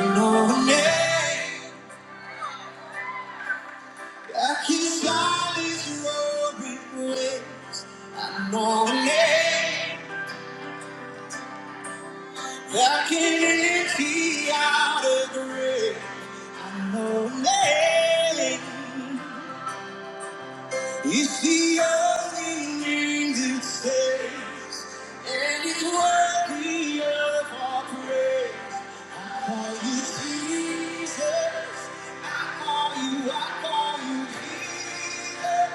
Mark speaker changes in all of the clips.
Speaker 1: No name that can silence your regret. No name that can empty out a grave. No name. It's the only name that saves, and it's worthy of our praise. I call you Jesus. I call you, I call you Jesus.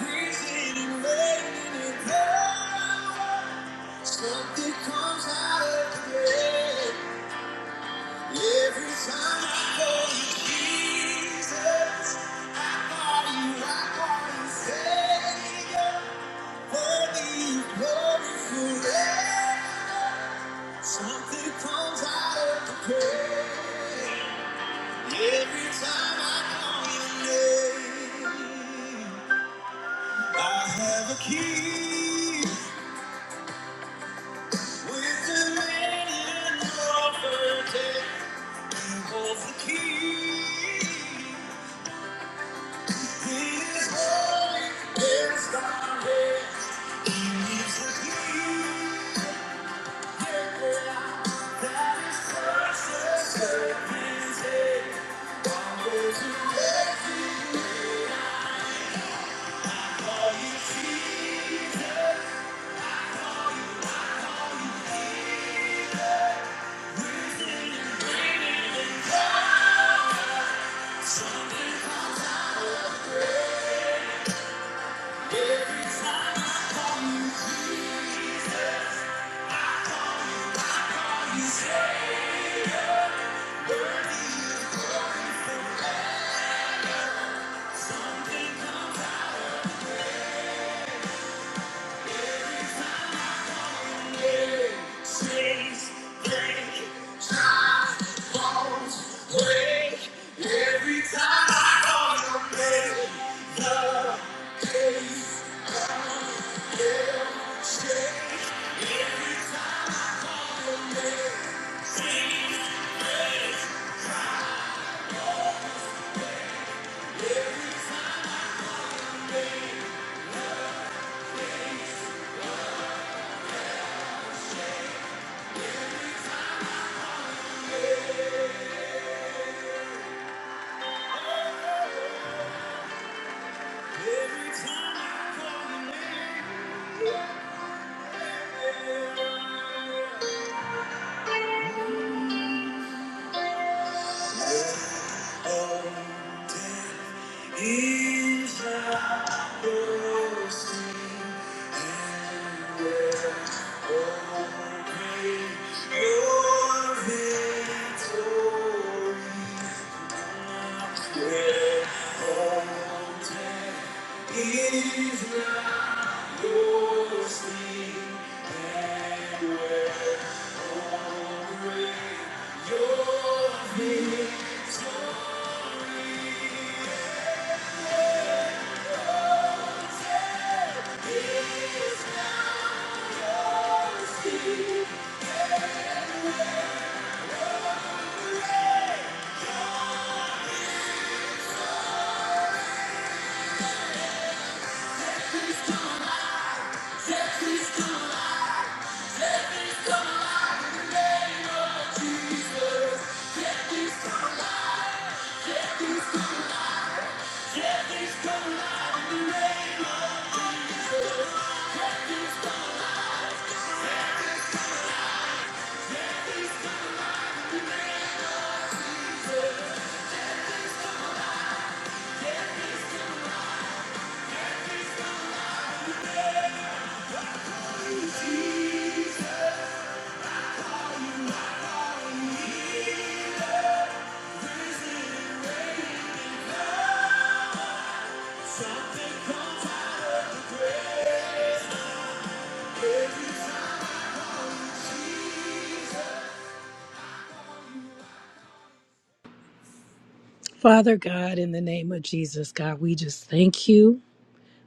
Speaker 1: Risen and reigning in power. Something comes out of the grave. Every time I call you Jesus, I call you, I call you Savior. Worthy of glory forever. Something comes out of the grave. Every time I call your name, I have a key with the man in the offer. He holds the key. He is holy, is thy He is the King, precious servants, and all those who rescue. Are you Jesus? Every time I call you, are you still my name? Saints, Every time I call your name, the pain. Every time I call your name, oh, death is not your sting, and oh, great your oh, Is not your sleep and wandering. Your victory is not asleep. Disease are risen. Something comes out of the grave.
Speaker 2: Father God, in the name of Jesus, God, we just thank you.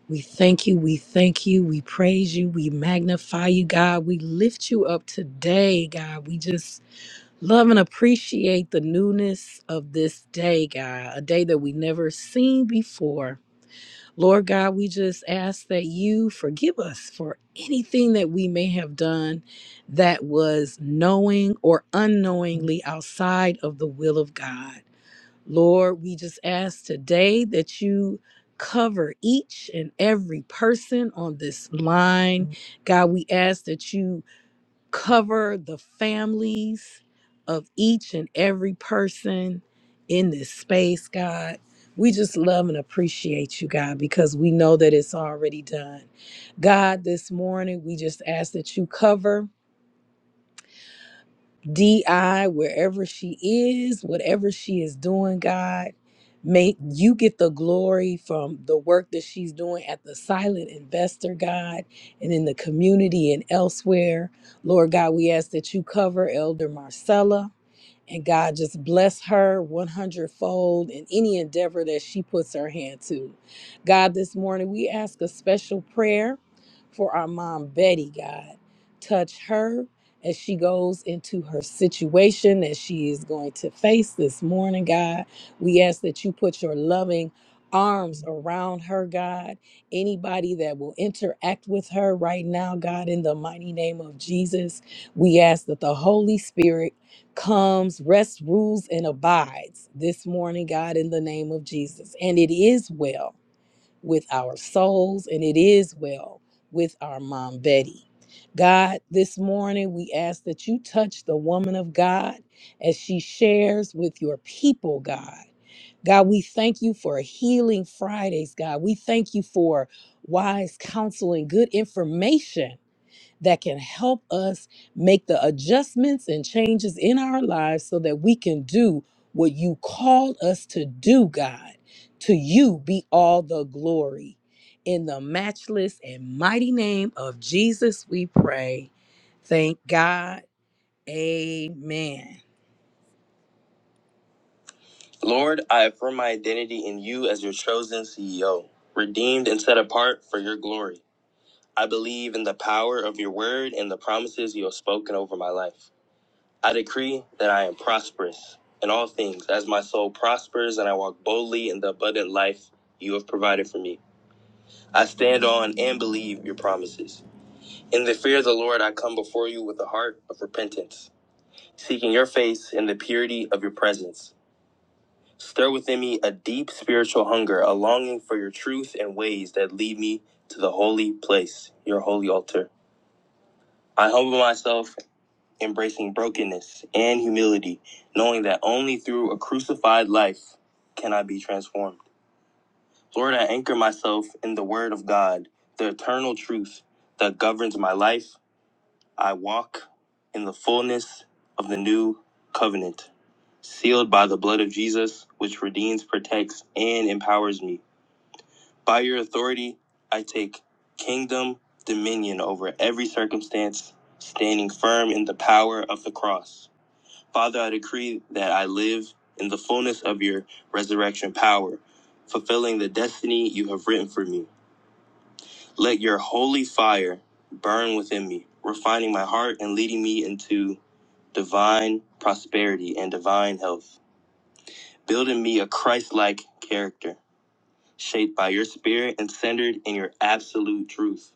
Speaker 2: We thank you. We thank you. We praise you. We magnify you, God. We lift you up today, God. We just love and appreciate the newness of this day, God, a day that we never seen before. Lord God, we just ask that you forgive us for anything that we may have done that was knowing or unknowingly outside of the will of God. Lord, we just ask today that you cover each and every person on this line. Mhm. God, we ask that you cover the families of each and every person in this space, God. We just love and appreciate you, God, because we know that it's already done. God, this morning, we just ask that you cover. DI, wherever she is, whatever she is doing, God, make you get the glory from the work that she's doing at the silent investor, God, and in the community and elsewhere. Lord God, we ask that you cover Elder Marcella and God just bless her 100 fold in any endeavor that she puts her hand to. God, this morning we ask a special prayer for our mom, Betty, God. Touch her as she goes into her situation that she is going to face this morning, God. We ask that you put your loving arms around her, God. Anybody that will interact with her right now, God, in the mighty name of Jesus, we ask that the Holy Spirit comes, rests, rules, and abides this morning, God, in the name of Jesus. And it is well with our souls, and it is well with our mom, Betty. God, this morning we ask that you touch the woman of God as she shares with your people, God. God, we thank you for healing Fridays, God. We thank you for wise counsel and good information that can help us make the adjustments and changes in our lives so that we can do what you called us to do, God. To you be all the glory. In the matchless and mighty name of Jesus, we pray. Thank God. Amen. Lord, I affirm my identity in you as your chosen CEO, redeemed and set apart for your glory. I believe in the power of your word and the promises you have spoken over my life. I decree that I am prosperous in all things as my soul prospers and I walk boldly in the abundant life you have provided for me. I stand on and believe your promises. In the fear of the Lord, I come before you with a heart of repentance, seeking your face in the purity of your presence. Stir within me a deep spiritual hunger, a longing for your truth and ways that lead me to the holy place, your holy altar. I humble myself embracing brokenness and humility, knowing that only through a crucified life can I be transformed. Lord, I anchor myself in the Word of God, the eternal truth that governs my life. I walk in the fullness of the new covenant, sealed by the blood of Jesus, which redeems, protects, and empowers me. By your authority, I take kingdom dominion over every circumstance, standing firm in the power of the cross. Father, I decree that I live in the fullness of your resurrection power, fulfilling the destiny you have written for me. Let your holy fire burn within me, refining my heart and leading me into divine prosperity and divine health, building me a Christ like character, shaped by your spirit and centered in your absolute truth.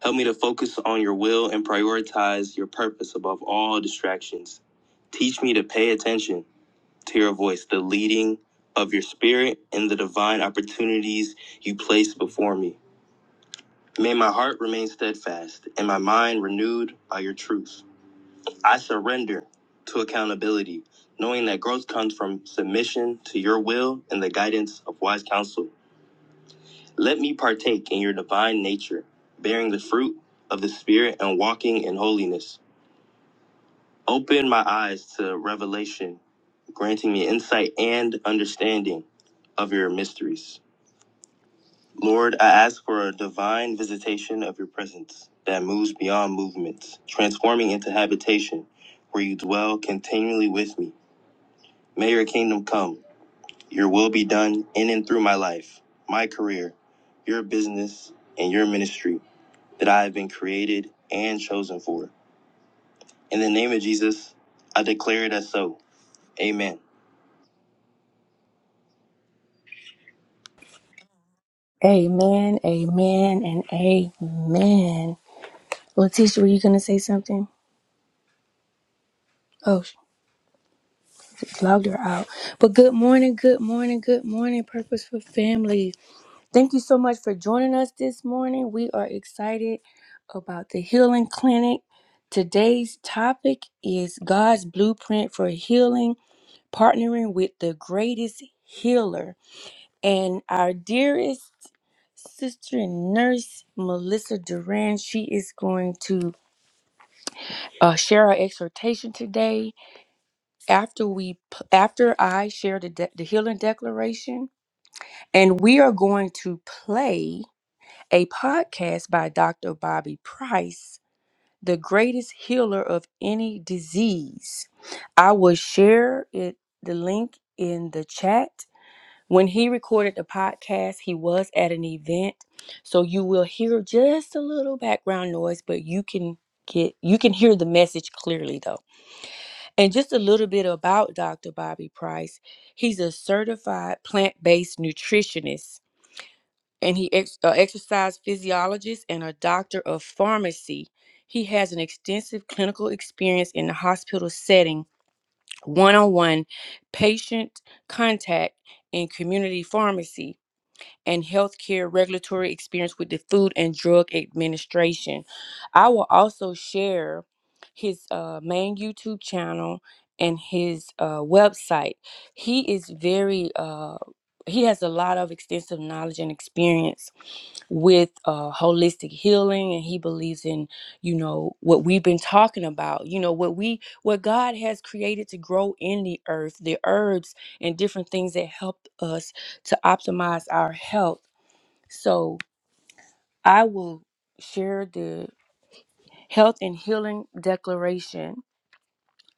Speaker 2: Help me to focus on your will and prioritize your purpose above all distractions. Teach me to pay attention to your voice, the leading of your spirit, and the divine opportunities you place before me. May my heart remain steadfast and my mind renewed by your truth. I surrender to accountability, knowing that growth comes from submission to your will and the guidance of wise counsel. Let me partake in your divine nature, bearing the fruit of the Spirit and walking in holiness. Open my eyes to revelation, granting me insight and understanding of your mysteries. Lord, I ask for a divine visitation of your presence that moves beyond movements, transforming into habitation where you dwell continually with me. May your kingdom come, your will be done in and through my life, my career, your business, and your ministry that I have been created and chosen for. In the name of Jesus, I declare it as so. Amen.
Speaker 1: Amen, amen, and amen. Letitia, were you gonna say something? Oh, sh- logged her out. But good morning, good morning, good morning, Purposeful Family. Thank you so much for joining us this morning. We are excited about the Healing Clinic. Today's topic is God's blueprint for healing, partnering with the greatest healer. And our dearest sister and nurse, Melissa Duran, she is going to uh, share our exhortation today after we p- after I share the de- the healing declaration and we are going to play a podcast by Dr. Bobby Price, the greatest healer of any disease. I will share it the link in the chat. When he recorded the podcast, he was at an event, so you will hear just a little background noise, but you can get you can hear the message clearly though. And just a little bit about Dr. Bobby Price. He's a certified plant based nutritionist, and he ex- uh, exercise physiologist and a doctor of pharmacy. He has an extensive clinical experience in the hospital setting, one on one patient contact, and community pharmacy and healthcare regulatory experience with the Food and Drug Administration. I will also share his uh, main YouTube channel and his uh, website. He is very uh, he has a lot of extensive knowledge and experience with uh, holistic healing and he believes in you know what we've been talking about you know what we what god has created to grow in the earth the herbs and different things that help us to optimize our health so I will share the health and healing declaration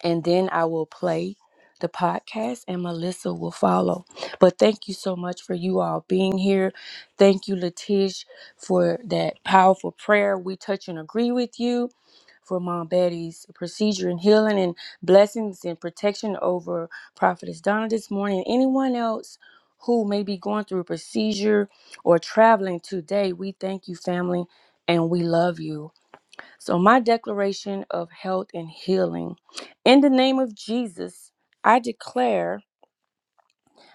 Speaker 1: and then I will play the podcast and Melissa will follow. But thank you so much for you all being here. Thank you, Latish, for that powerful prayer. We touch and agree with you for Mom Betty's procedure and healing and blessings and protection over Prophetess Donna this morning. Anyone else who may be going through a procedure or traveling today, we thank you, family, and we love you. So, my declaration of health and healing in the name of Jesus, I declare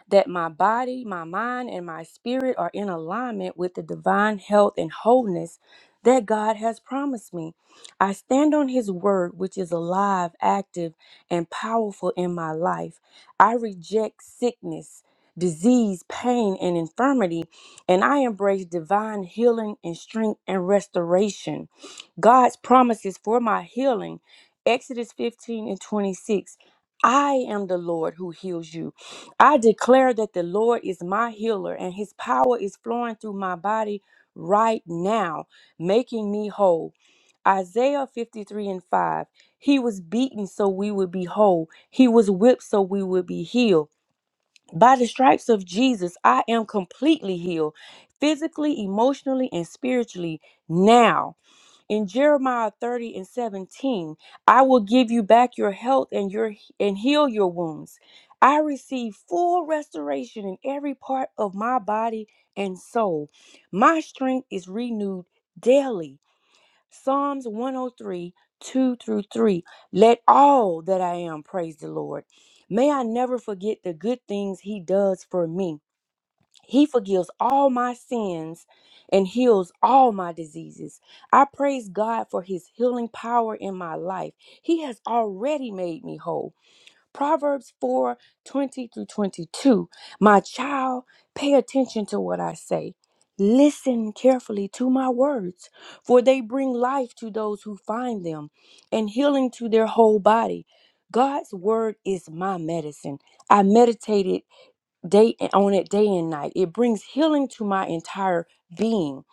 Speaker 1: that my body, my mind, and my spirit are in alignment with the divine health and wholeness that God has promised me. I stand on His word, which is alive, active, and powerful in my life. I reject sickness, disease, pain, and infirmity, and I embrace divine healing and strength and restoration. God's promises for my healing, Exodus 15 and 26. I am the Lord who heals you. I declare that the Lord is my healer and his power is flowing through my body right now, making me whole. Isaiah 53 and 5. He was beaten so we would be whole, he was whipped so we would be healed. By the stripes of Jesus, I am completely healed, physically, emotionally, and spiritually now in Jeremiah 30 and 17, I will give you back your health and your and heal your wounds. I receive full restoration in every part of my body and soul. My strength is renewed daily. Psalms 103, 2 through 3. Let all that I am praise the Lord. May I never forget the good things He does for me. He forgives all my sins and heals all my diseases. I praise God for his healing power in my life. He has already made me whole. Proverbs 4 20 through 22. My child, pay attention to what I say. Listen carefully to my words, for they bring life to those who find them and healing to their whole body. God's word is my medicine. I meditated day on it day and night. It brings healing to my entire being.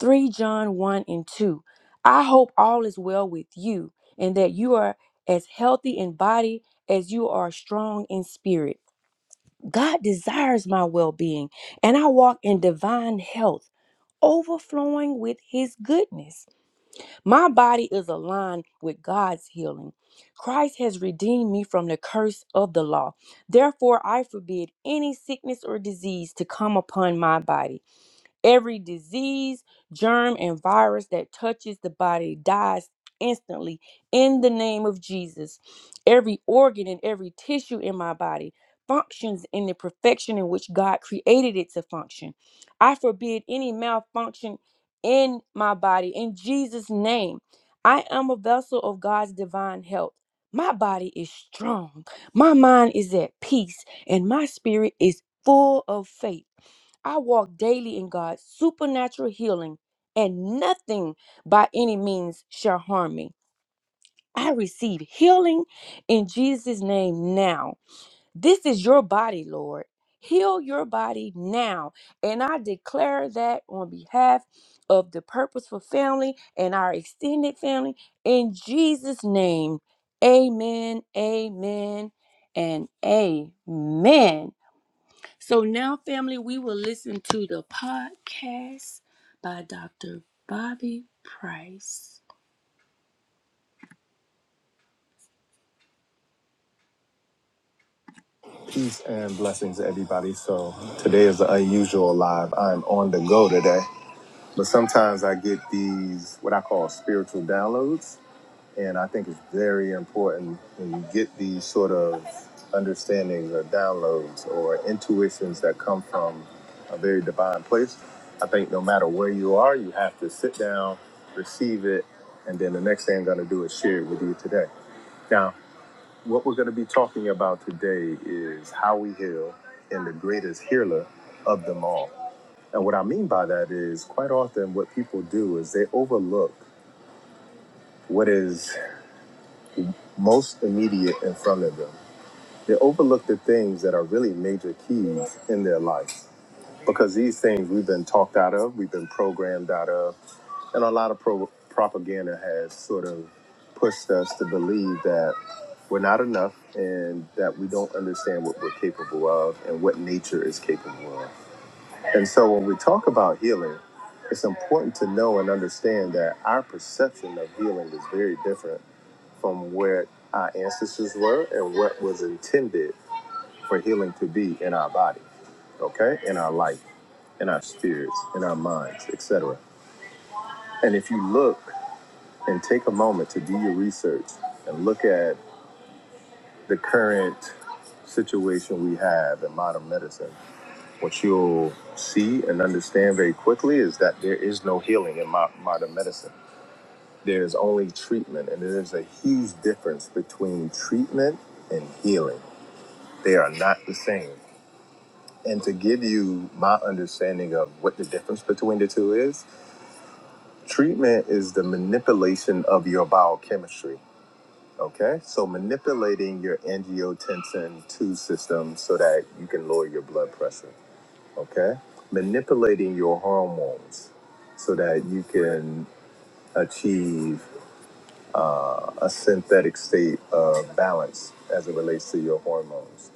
Speaker 1: 3 John 1 and 2. I hope all is well with you and that you are as healthy in body as you are strong in spirit. God desires my well being, and I walk in divine health, overflowing with his goodness. My body is aligned with God's healing. Christ has redeemed me from the curse of the law. Therefore, I forbid any sickness or disease to come upon my body. Every disease, germ, and virus that touches the body dies instantly in the name of Jesus. Every organ and every tissue in my body functions in the perfection in which God created it to function. I forbid any malfunction in my body in Jesus' name. I am a vessel of God's divine health. My body is strong, my mind is at peace, and my spirit is full of faith. I walk daily in God's supernatural healing, and nothing by any means shall harm me. I receive healing in Jesus' name now. This is your body, Lord. Heal your body now. And I declare that on behalf of the Purposeful family and our extended family in Jesus' name. Amen, amen, and amen. So now, family, we will listen to the podcast by Dr. Bobby Price. Peace and blessings, everybody. So today is an unusual live. I'm on the go today, but sometimes I get these what I call spiritual downloads. And I think it's very important when you get these sort of understandings or downloads or intuitions that come from a very divine place. I think no matter where you are, you have to sit down, receive it, and then the next thing I'm going to do is share it with you today. Now, what we're going to be talking about today is how we heal and the greatest healer of them all. And what I mean by that is quite often what people do is they overlook what is most immediate in front of them. They overlook the things that are really major keys in their life because these things we've been talked out of, we've been programmed out of, and a lot of pro- propaganda has sort of pushed us to believe that we're not enough and that we don't understand what we're capable of and what nature is capable of. And so when we talk about healing, it's important to know and understand that our perception of healing is very different from where our ancestors were and what was intended for healing to be in our body, okay? In our life, in our spirits, in our minds, etc. And if you look and take a moment to do your research and look at the current situation we have in modern medicine, what you'll see and understand very quickly is that there is no healing in mo- modern medicine. There is only treatment, and there is a huge difference between treatment and healing. They are not the same. And to give you my understanding of what the difference between the two is, treatment is the manipulation of your biochemistry. Okay, so manipulating your angiotensin 2 system so that you can lower your blood pressure. Okay, manipulating your hormones so that you can achieve a synthetic state of balance as it relates to your hormones.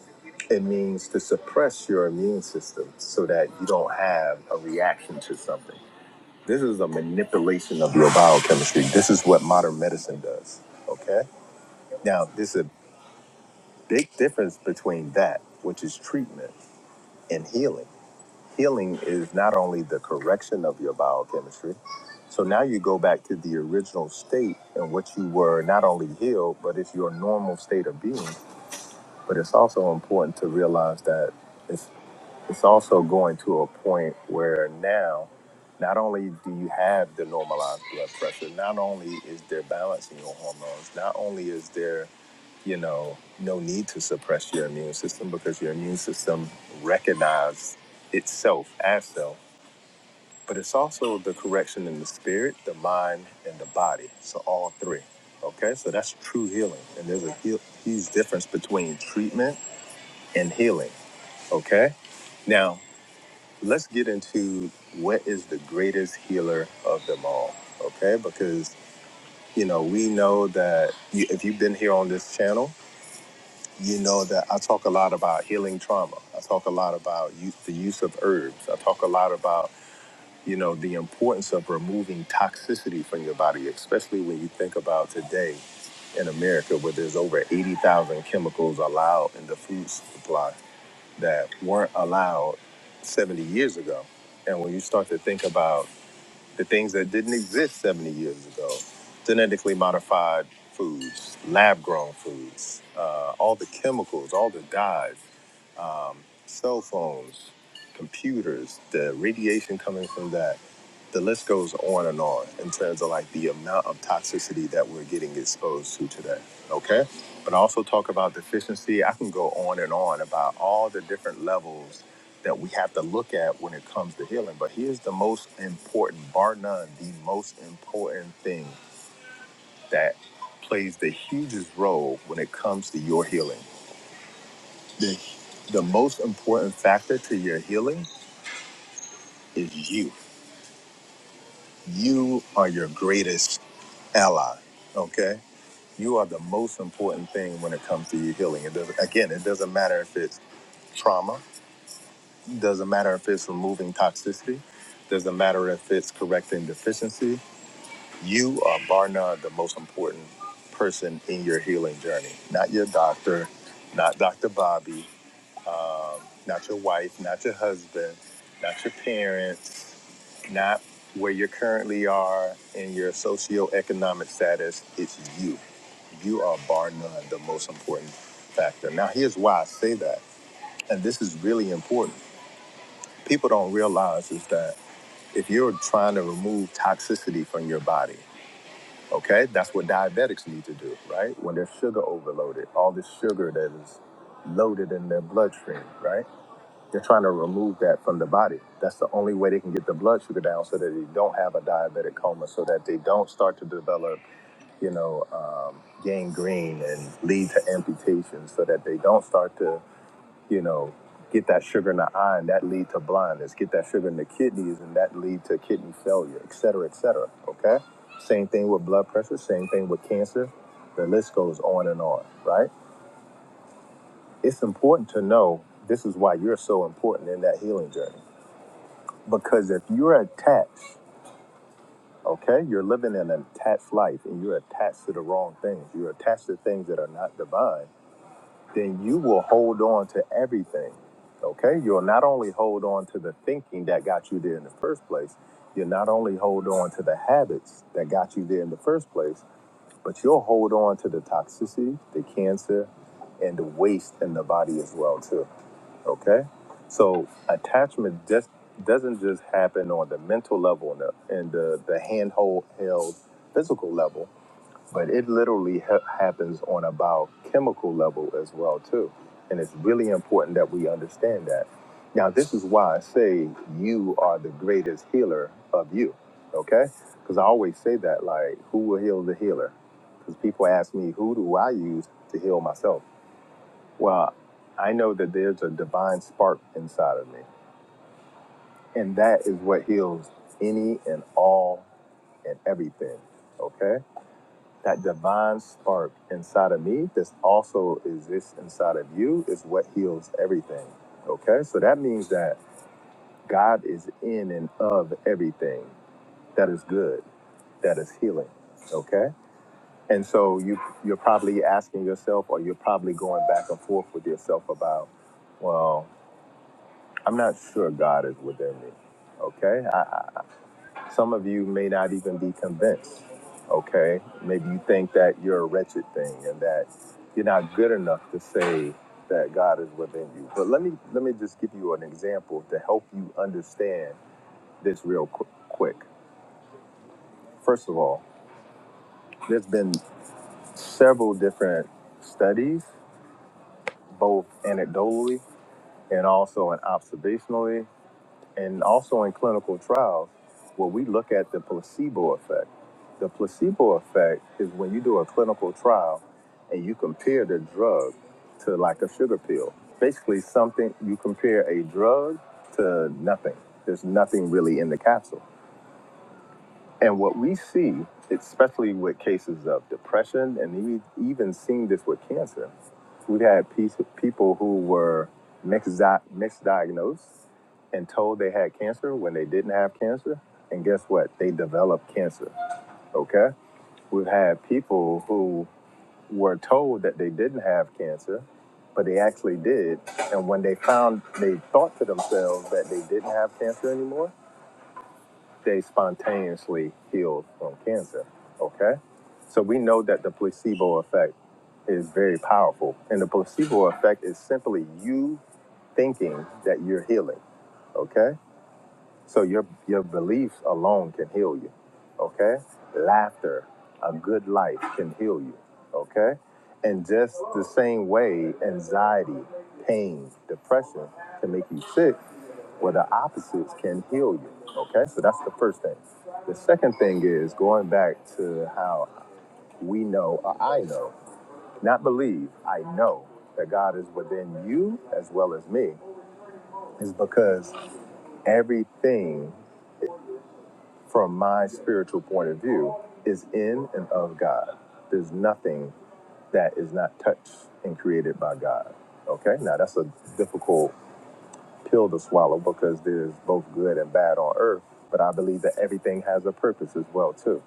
Speaker 1: It means to suppress your immune system so that you don't have a reaction to something. This is a manipulation of your biochemistry. This is what modern medicine does. Okay? Now, there's a big difference between that, which is treatment, and healing healing is not only the correction of your biochemistry. So now you go back to the original state and what you were not only healed, but it's your normal state of being. But it's also important to realize that it's it's also going to a point where now not only do you have the normalized blood pressure, not only is there balance in your hormones, not only is there, you know, no need to suppress your immune system because your immune system recognizes itself as self but it's also the correction in the spirit, the mind, and the body. So all three. Okay, so that's true healing, and there's a heal- huge difference between treatment and healing. Okay, now let's get into what is the greatest healer of them all. Okay, because you know we know that you, if you've been here on this channel, you know that I talk a lot about healing trauma. I talk a lot about use, the use of herbs. I talk a lot about you know the importance of removing toxicity from your body especially when you think about today in america where there's over 80000 chemicals allowed in the food supply that weren't allowed 70 years ago and when you start to think about the things that didn't exist 70 years ago genetically modified foods lab grown foods uh, all the chemicals all the dyes cell phones, computers, the radiation coming from that. The list goes on and on in terms of like the amount of toxicity that we're getting exposed to today. Okay. But I also talk about deficiency. I can go on and on about all the different levels that we have to look at when it comes to healing. But here's the most important, bar none, the most important thing that plays the hugest role when it comes to your healing. The, the most important factor to your healing is you. You are your greatest ally. Okay? You are the most important thing when it comes to your healing. It doesn't again, it doesn't matter if it's trauma, doesn't matter if it's removing toxicity, doesn't matter if it's correcting deficiency. You are bar none the most important person in your healing journey. Not your doctor, not Dr. Bobby, um, not your wife, not your husband, not your parents, not where you currently are in your socioeconomic status. It's you. You are bar none the most important factor. Now, here's why I say that, and this is really important. People don't realize is that if you're trying to remove toxicity from your body, okay, that's what diabetics need to do, right? When they're sugar overloaded, all this sugar that is loaded in their bloodstream, right? They're trying to remove that from the body. That's the only way they can get the blood sugar down so that they don't have a diabetic coma, so that they don't start to develop, you know, um, gangrene and lead to amputation, so that they don't start to, you know, get that sugar in the eye and that lead to blindness, get that sugar in the kidneys and that lead to kidney failure, et cetera, et cetera. Okay? Same thing with blood pressure, same thing with cancer. The list goes on and on, right? It's important to know this is why you're so important in that healing journey Because if you're attached, okay, you're living in an attached life and you're attached to the wrong things, you're attached to things that are not divine, then you will hold on to everything, okay? You'll not only hold on to the thinking that got you there in the first place, you'll not only hold on to the habits that got you there in the first place, but you'll hold on to the toxicity, the cancer, and the waste in the body as well, too. Okay, so attachment just doesn't just happen on the mental level and the, and the, the handhold held physical level, but it literally ha- happens on a biochemical level as well too, and it's really important that we understand that. Now, this is why I say you are the greatest healer of you. Okay, because I always say that like, who will heal the healer? Because people ask me, who do I use to heal myself? Well, I know that there's a divine spark inside of me, and that is what heals any and all and everything. Okay? That divine spark inside of me that also exists inside of you is what heals everything. Okay? So that means that God is in and of everything that is good, that is healing. Okay? And so you you're probably asking yourself or you're probably going back and forth with yourself about, well, I'm not sure God is within me. Okay? I, I, some of you may not even be convinced. Okay? Maybe you think that you're a wretched thing and that you're not good enough to say that God is within you. But let me let me just give you an example to help you understand this real qu- quick. First of all, there's been several different studies, both anecdotally and also in observationally, and also in clinical trials where we look at the placebo effect. The placebo effect is when you do a clinical trial and you compare the drug to like a sugar pill. Basically, something you compare a drug to nothing. There's nothing really in the capsule. And what we see, especially with cases of depression, and even, even seeing this with cancer, we've had piece, people who were misdi- misdiagnosed and told they had cancer when they didn't have cancer. And guess what? They developed cancer. Okay? We've had people who were told that they didn't have cancer, but they actually did. And when they found, they thought to themselves that they didn't have cancer anymore, they spontaneously healed from cancer. Okay? So we know that the placebo effect is very powerful. And the placebo effect is simply you thinking that you're healing. Okay? So your your beliefs alone can heal you. Okay? Laughter, a good life can heal you. Okay? And just the same way anxiety, pain, depression can make you sick, well the opposites can heal you. Okay? So that's the first thing. The second thing is going back to how we know or I know, not believe, I know that God is within you as well as me, is because everything from my spiritual point of view, is in and of God. There's nothing that is not touched and created by God. Okay, now that's a difficult pill to swallow because there's both good and bad on earth, but I believe that everything has a purpose as well too.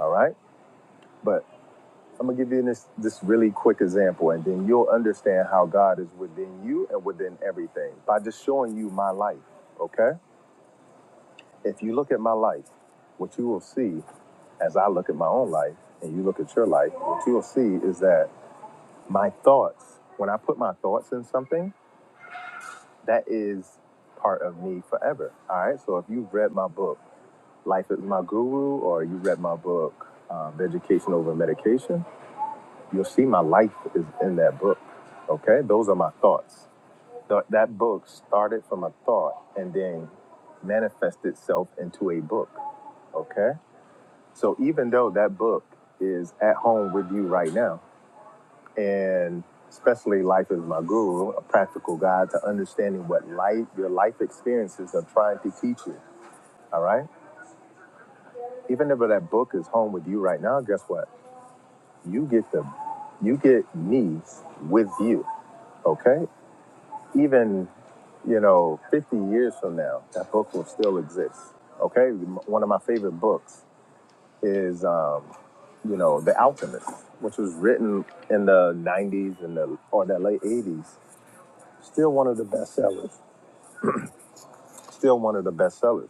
Speaker 1: All right, but I'm gonna give you this this really quick example, and then you'll understand how God is within you and within everything by just showing you my life. Okay, if you look at my life, what you will see as I look at my own life and you look at your life, what you'll see is that my thoughts, when I put my thoughts in something, that is part of me forever. All right. So if you've read my book, Life is My Guru, or you read my book, um, Education Over Medication, you'll see my life is in that book. Okay. Those are my thoughts. Th- that book started from a thought and then manifested itself into a book. Okay. So even though that book is at home with you right now, and especially Life is My Guru, a practical guide to understanding what life, your life experiences are trying to teach you. All right. Even if that book is home with you right now, guess what? You get the, you get me with you. Okay. Even, you know, 50 years from now, that book will still exist. Okay. M- One of my favorite books is, um, you know, The Alchemist, which was written in the 90s and the or the late 80s Still one of the best sellers. Still one of the best sellers.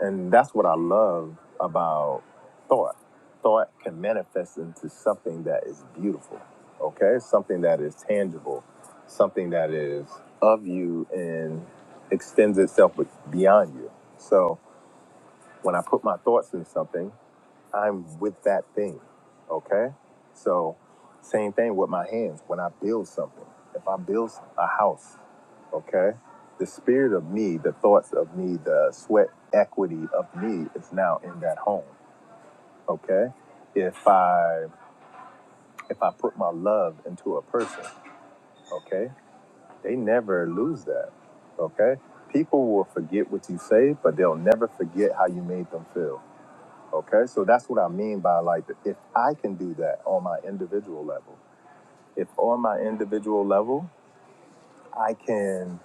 Speaker 1: And that's what I love about thought. Thought can manifest into something that is beautiful, okay? Something that is tangible, something that is of you and extends itself be- beyond you. So when I put my thoughts in something, I'm with that thing. Okay? So, same thing with my hands. When I build something, if I build a house, okay, the spirit of me, the thoughts of me, the sweat equity of me is now in that home. Okay? If I if I put my love into a person, okay, they never lose that. Okay? People will forget what you say, but they'll never forget how you made them feel Okay, so that's what I mean by like, if I can do that on my individual level, if on my individual level, I can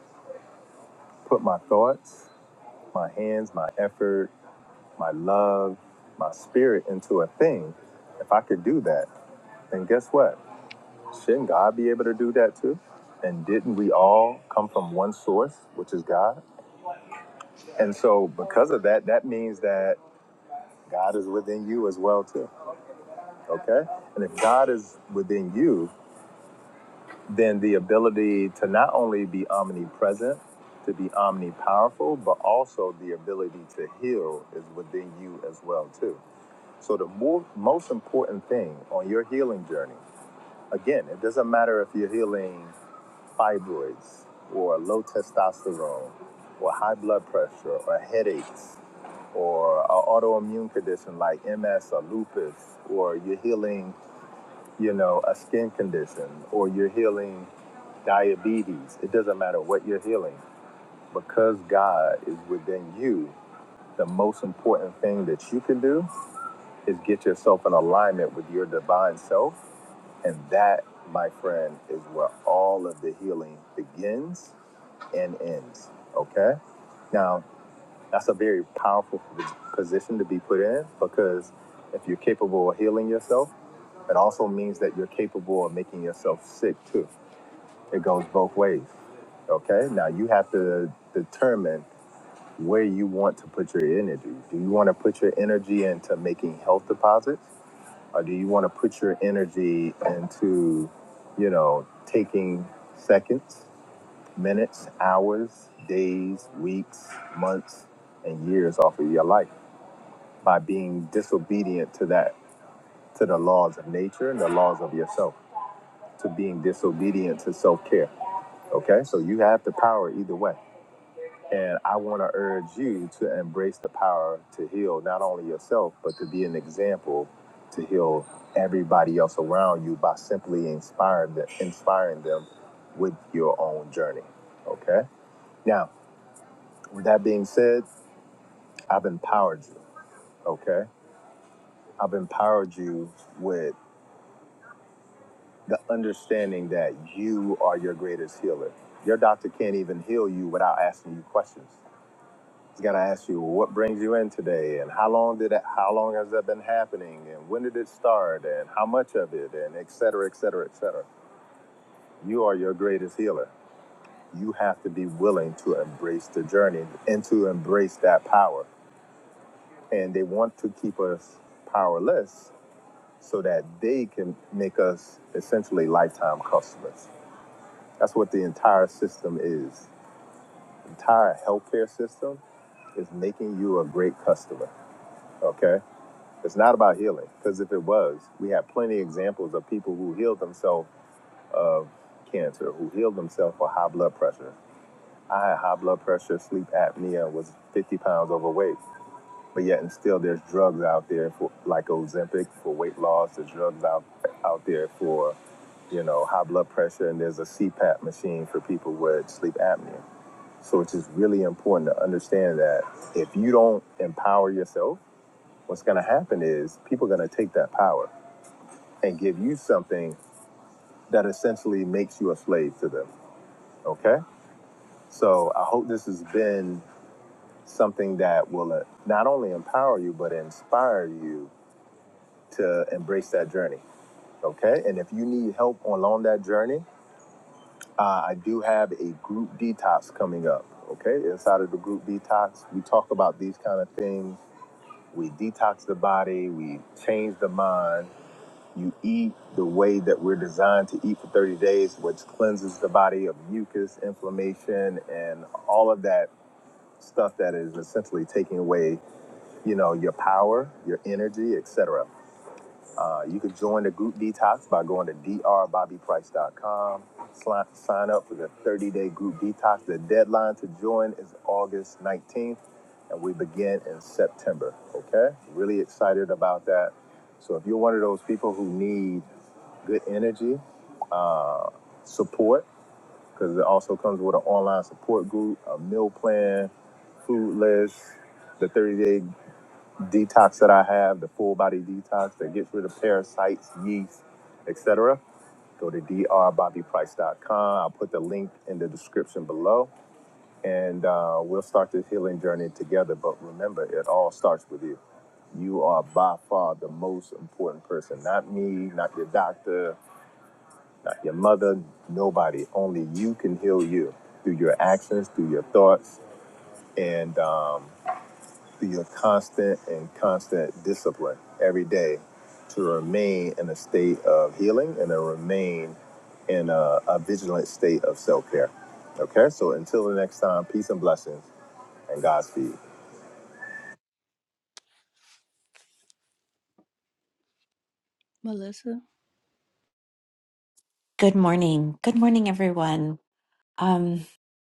Speaker 1: put my thoughts, my hands, my effort, my love, my spirit into a thing, if I could do that, then guess what? Shouldn't God be able to do that too? And didn't we all come from one source, which is God? And so, because of that, that means that God is within you as well too. Okay, and if God is within you, then the ability to not only be omnipresent, to be omnipowerful, but also the ability to heal is within you as well too. So the more, most important thing on your healing journey, again, it doesn't matter if you're healing fibroids or low testosterone or high blood pressure or headaches or an autoimmune condition like MS or lupus, or you're healing you know, a skin condition or you're healing diabetes. It doesn't matter what you're healing. Because God is within you, the most important thing that you can do is get yourself in alignment with your divine self. And that, my friend, is where all of the healing begins and ends. Okay? Now, that's a very powerful position to be put in because if you're capable of healing yourself, it also means that you're capable of making yourself sick too. It goes both ways. Okay? Now you have to determine where you want to put your energy. Do you want to put your energy into making health deposits? Or do you want to put your energy into, you know, taking seconds, minutes, hours, days, weeks, months, and years off of your life by being disobedient to that, to the laws of nature and the laws of yourself, to being disobedient to self care. Okay? So you have the power either way. And I want to urge you to embrace the power to heal not only yourself, but to be an example to heal everybody else around you by simply inspiring them, inspiring them with your own journey. Okay? Now, with that being said, I've empowered you. Okay? I've empowered you with the understanding that you are your greatest healer. Your doctor can't even heal you without asking you questions. I gotta ask you, what brings you in today, and how long did that? How long has that been happening, and when did it start, and how much of it, and et cetera, et cetera, et cetera. You are your greatest healer. You have to be willing to embrace the journey and to embrace that power. And they want to keep us powerless so that they can make us essentially lifetime customers. That's what the entire system is. entire healthcare system is making you a great customer. Okay It's not about healing, because if it was, we have plenty of examples of people who healed themselves of cancer, who healed themselves for high blood pressure. I had high blood pressure, sleep apnea, was 50 pounds overweight. But yet, and still, there's drugs out there for like Ozempic for weight loss. There's drugs out out there for you know high blood pressure, and there's a CPAP machine for people with sleep apnea. So it's just really important to understand that if you don't empower yourself, what's going to happen is people are going to take that power and give you something that essentially makes you a slave to them. Okay? So I hope this has been something that will uh, not only empower you, but inspire you to embrace that journey. Okay? And if you need help along that journey, uh, I do have a group detox coming up. Okay? Inside of the group detox, we talk about these kind of things. We detox the body, we change the mind, You eat the way that we're designed to eat for 30 days, which cleanses the body of mucus, inflammation, and all of that stuff that is essentially taking away, you know, your power, your energy, etc. Uh, you could join the group detox by going to drbobbyprice.com. Sli- Sign up for the 30-day group detox. The deadline to join is August 19th, and we begin in September. Okay, really excited about that. So if you're one of those people who need good energy, uh, support, because it also comes with an online support group, a meal plan, food list, the 30 day detox that I have, the full body detox that gets rid of parasites, yeast, etc. Go to drbobbyprice.com. I'll put the link in the description below and uh, we'll start this healing journey together. But remember, it all starts with you. You are by far the most important person, not me, not your doctor, not your mother, nobody. Only you can heal you through your actions, through your thoughts, and um, through your constant and constant discipline every day to remain in a state of healing and to remain in a, a vigilant state of self care. Okay, so until the next time, peace and blessings and Godspeed.
Speaker 3: Good morning. Good morning, everyone. Um,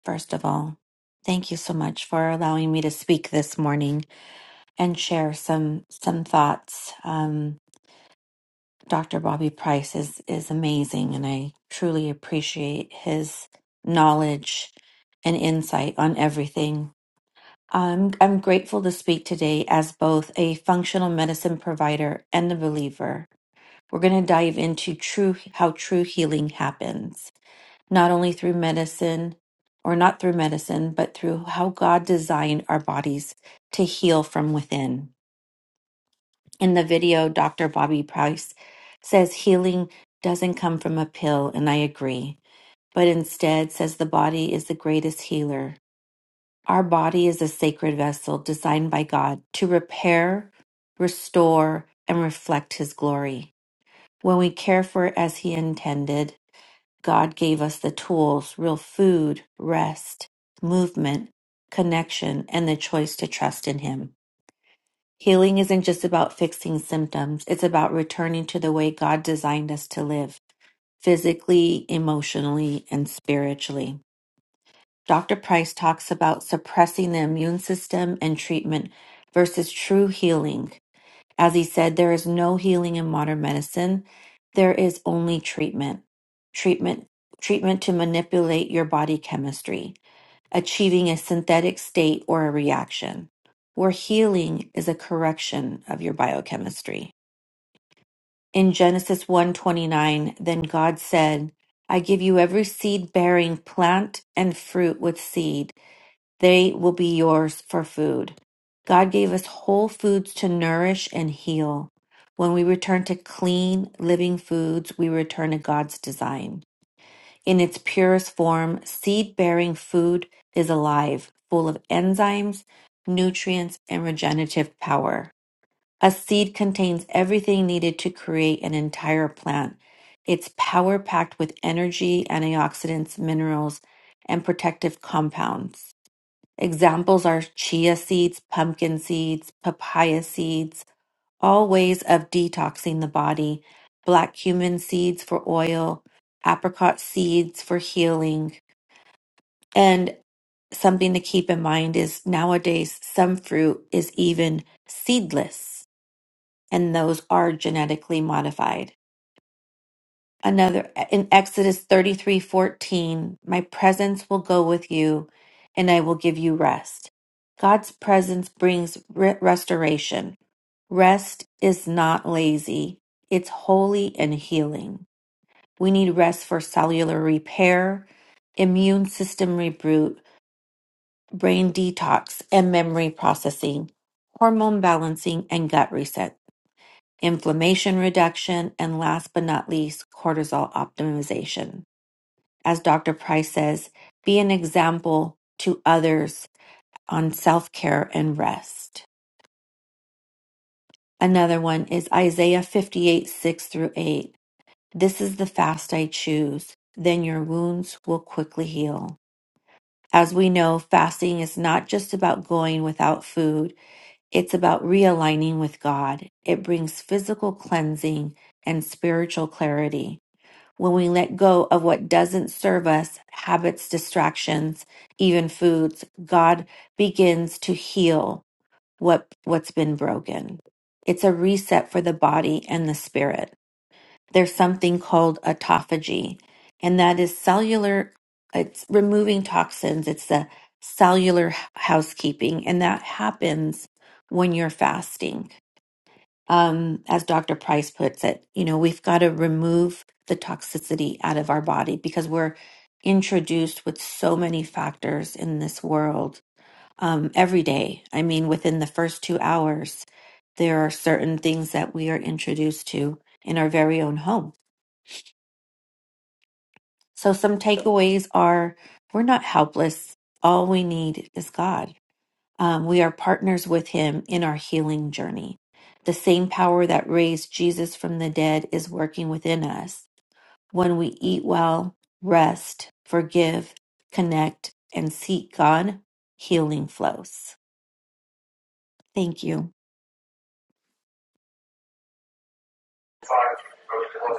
Speaker 3: first of all, thank you so much for allowing me to speak this morning and share some some thoughts. Um, Dr. Bobby Price is is amazing, and I truly appreciate his knowledge and insight on everything. I'm I'm grateful to speak today as both a functional medicine provider and a believer. We're going to dive into true how true healing happens. not only through medicine or not through medicine, but through how God designed our bodies to heal from within. In the video, Dr. Bobby Price says healing doesn't come from a pill, and I agree, but instead says the body is the greatest healer. Our body is a sacred vessel designed by God to repair, restore, and reflect His glory. When we care for it as He intended, God gave us the tools real food, rest, movement, connection, and the choice to trust in Him. Healing isn't just about fixing symptoms, it's about returning to the way God designed us to live physically, emotionally, and spiritually. Dr. Price talks about suppressing the immune system and treatment versus true healing. As he said, there is no healing in modern medicine. There is only treatment. Treatment treatment to manipulate your body chemistry, achieving a synthetic state or a reaction. Where healing is a correction of your biochemistry. In Genesis one twenty nine, then God said, I give you every seed bearing plant and fruit with seed they will be yours for food. God gave us whole foods to nourish and heal. When we return to clean, living foods, we return to God's design. In its purest form, seed bearing food is alive, full of enzymes, nutrients, and regenerative power. A seed contains everything needed to create an entire plant. It's power packed with energy, antioxidants, minerals, and protective compounds. Examples are chia seeds, pumpkin seeds, papaya seeds, all ways of detoxing the body, black cumin seeds for oil, apricot seeds for healing. And something to keep in mind is nowadays some fruit is even seedless, and those are genetically modified. Another in Exodus 33:14, my presence will go with you and I will give you rest. God's presence brings re- restoration. Rest is not lazy. It's holy and healing. We need rest for cellular repair, immune system reboot, brain detox and memory processing, hormone balancing and gut reset, inflammation reduction, and last but not least, cortisol optimization as Dr. Price says, be an example to others on self care and rest. Another one is Isaiah 58 6 through 8. This is the fast I choose, then your wounds will quickly heal. As we know, fasting is not just about going without food, it's about realigning with God. It brings physical cleansing and spiritual clarity. when we let go of what doesn't serve us, habits, distractions, even foods, God begins to heal what, what's been broken. It's a reset for the body and the spirit. There's something called autophagy, and that is cellular, it's removing toxins, it's the cellular housekeeping, and that happens when you're fasting um, as Dr. Price puts it, you know, we've got to remove the toxicity out of our body because we're introduced with so many factors in this world um, every day. I mean, within the first two hours, there are certain things that we are introduced to in our very own home. So, some takeaways are we're not helpless. All we need is God. Um, we are partners with him in our healing journey. The same power that raised Jesus from the dead is working within us when we eat well, rest, forgive, connect, and seek God. Healing flows. Thank you.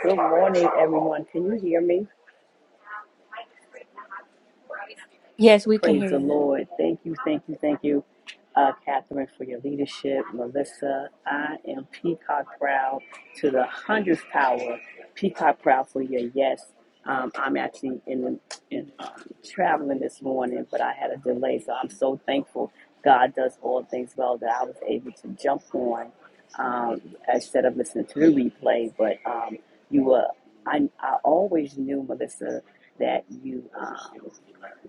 Speaker 4: Good morning, everyone. Can you hear me?
Speaker 1: Yes, we can
Speaker 4: Praise
Speaker 1: hear
Speaker 4: the
Speaker 1: you.
Speaker 4: Lord. Thank you, thank you, thank you, uh, Catherine, for your leadership. Melissa, I am peacock proud to the hundredth power. Peacock proud for your yes. Um, I'm actually in, the, in um, traveling this morning, but I had a delay, so I'm so thankful. God does all things well that I was able to jump on um, instead of listening to the replay. But um, you were, I, I always knew, Melissa, that you. Um,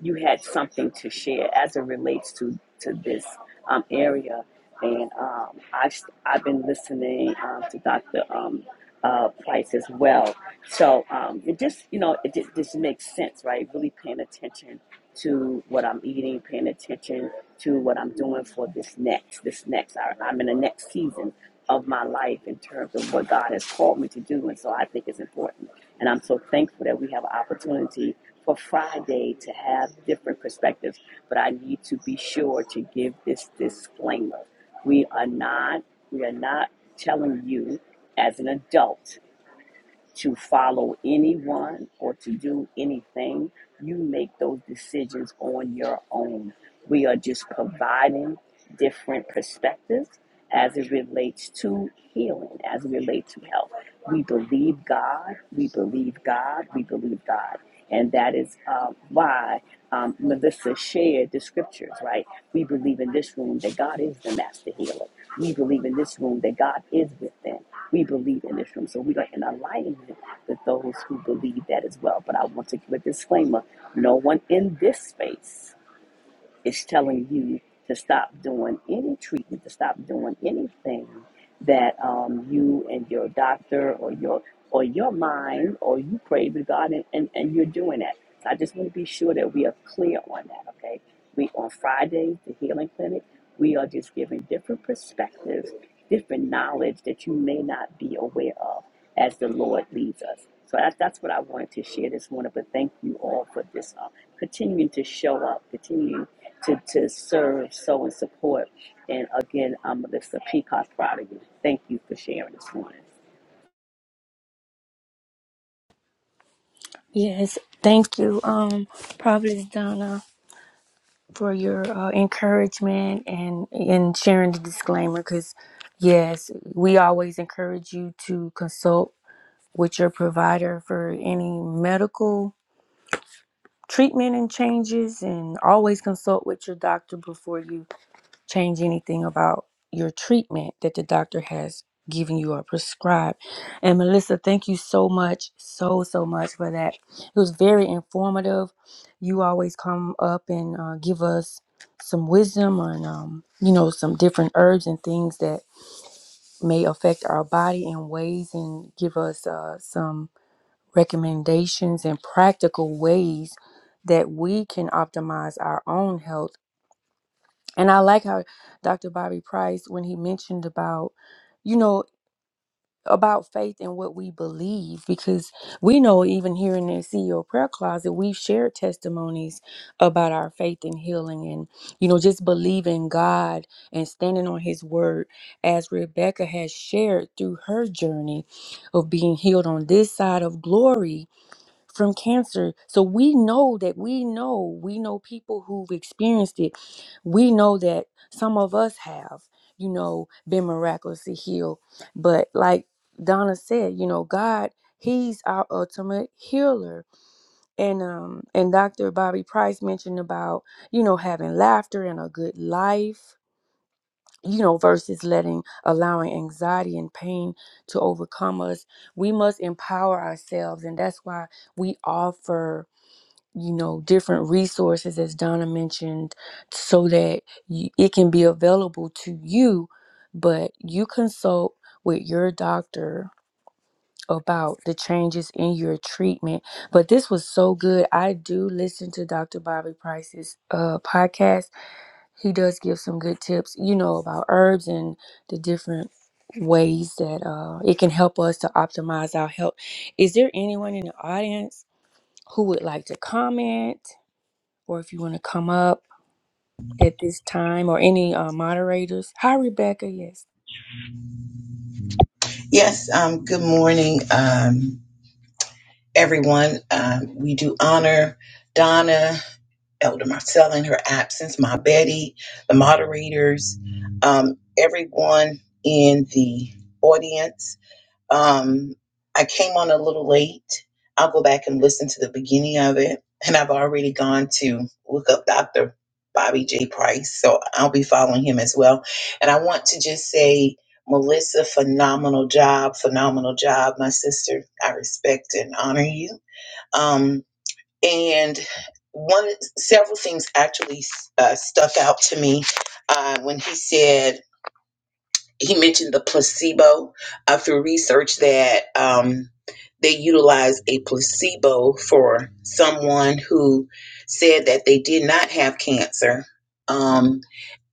Speaker 4: you had something to share as it relates to to this um, area. And um, I've I've been listening um, to Dr. Um, uh, Price as well. So um, it just you know it just, just makes sense, right? Really paying attention to what I'm eating, paying attention to what I'm doing for this next this next. I, I'm in the next season, of my life in terms of what God has called me to do. And so I think it's important. And I'm so thankful that we have an opportunity for Friday to have different perspectives. But I need to be sure to give this disclaimer. We are not, we are not telling you as an adult to follow anyone or to do anything. You make those decisions on your own. We are just providing different perspectives as it relates to healing, as it relates to health. We believe God, we believe God, we believe God. And that is uh, why um, Melissa shared the scriptures, right? We believe in this room that God is the master healer. We believe in this room that God is within. We believe in this room. So we are in alignment with those who believe that as well. But I want to give a disclaimer no one in this space is telling you to stop doing any treatment, to stop doing anything that um, you and your doctor or your or your mind or you pray to God and, and, and you're doing that. So I just want to be sure that we are clear on that, okay? We on Friday, the healing clinic, we are just giving different perspectives, different knowledge that you may not be aware of as the Lord leads us. So that, that's what I wanted to share this morning, but thank you all for this um, continuing to show up, continuing to, to serve, sow, and support. And again, I'm Melissa Peacock, proud of you. Thank you for sharing this morning.
Speaker 1: Yes, thank you, um, Providence Donna. for your uh, encouragement and and sharing the disclaimer because yes we always encourage you to consult with your provider for any medical treatment and changes and always consult with your doctor before you change anything about your treatment that the doctor has given you or prescribed. And Melissa, thank you so much, so, so much for that. It was very informative. You always come up and uh, give us some wisdom on, um, you know, some different herbs and things that may affect our body in ways and give us uh, some recommendations and practical ways that we can optimize our own health and I like how Dr. Bobby Price, when he mentioned about, you know, about faith and what we believe, because we know even here in the CEO prayer closet, we've shared testimonies about our faith and healing and, you know, just believing God and standing on his word, as Rebecca has shared through her journey of being healed on this side of glory from cancer. So we know that we know, we know people who've experienced it. We know that some of us have, you know, been miraculously healed. But like Donna said, you know, God, he's our ultimate healer. And um and Dr. Bobby Price mentioned about, you know, having laughter and a good life, you know, versus letting allowing anxiety and pain to overcome us. We must empower ourselves and that's why we offer you know different resources as donna mentioned so that you, it can be available to you but you consult with your doctor about the changes in your treatment but this was so good i do listen to dr bobby price's uh, podcast he does give some good tips you know about herbs and the different ways that uh, it can help us to optimize our health is there anyone in the audience who would like to comment or if you want to come up at this time or any uh, moderators. Hi, Rebecca. Yes.
Speaker 5: Yes, um, good morning, um, everyone. Um, we do honor Donna, Elder Marcella in her absence, my Betty, the moderators, um, everyone in the audience. Um, I came on a little late. I'll go back and listen to the beginning of it. And I've already gone to look up Dr. Bobby J. Price. So I'll be following him as well. And I want to just say, Melissa, phenomenal job, phenomenal job, my sister. I respect and honor you. Um, and one, several things actually uh, stuck out to me uh, when he said, he mentioned the placebo uh, through research that um, they utilized a placebo for someone who said that they did not have cancer, um,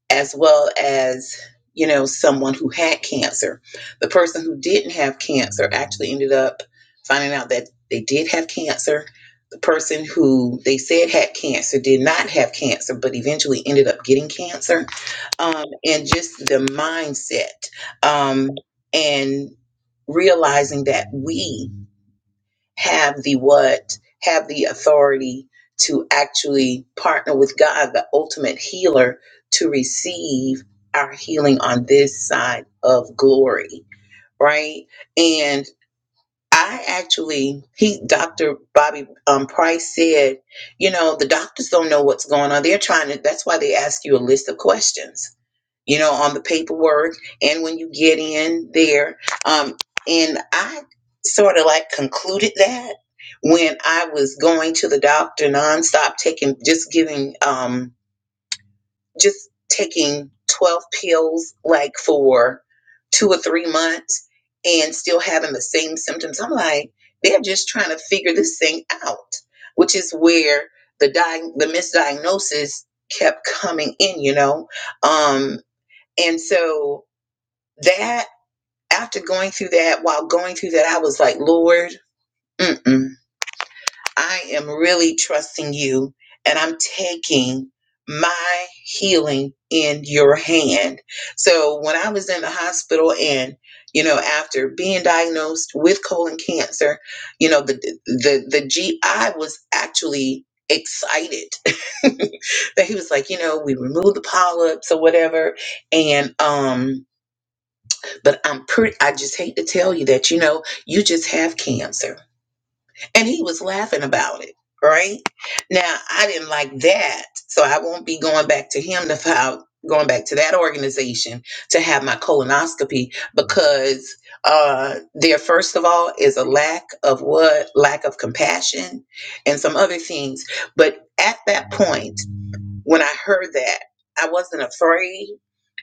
Speaker 5: as well as you know someone who had cancer. The person who didn't have cancer actually ended up finding out that they did have cancer. The person who they said had cancer did not have cancer, but eventually ended up getting cancer um, and just the mindset um, and realizing that we have the what have the authority to actually partner with god the ultimate healer to receive our healing on this side of glory right and i actually he dr bobby um, price said you know the doctors don't know what's going on they're trying to that's why they ask you a list of questions you know, on the paperwork and when you get in there. Um, and I sort of like concluded that when I was going to the doctor nonstop, taking just giving, um, just taking 12 pills like for two or three months and still having the same symptoms. I'm like, they're just trying to figure this thing out, which is where the di- the misdiagnosis kept coming in, you know. Um, and so that after going through that while going through that i was like lord mm-mm, i am really trusting you and i'm taking my healing in your hand so when i was in the hospital and you know after being diagnosed with colon cancer you know the the the gi was actually excited that he was like you know we removed the polyps or whatever and um but I'm pretty, I just hate to tell you that, you know, you just have cancer. And he was laughing about it, right? Now, I didn't like that. So I won't be going back to him to file, going back to that organization to have my colonoscopy because uh, there, first of all, is a lack of what? Lack of compassion and some other things. But at that point, when I heard that, I wasn't afraid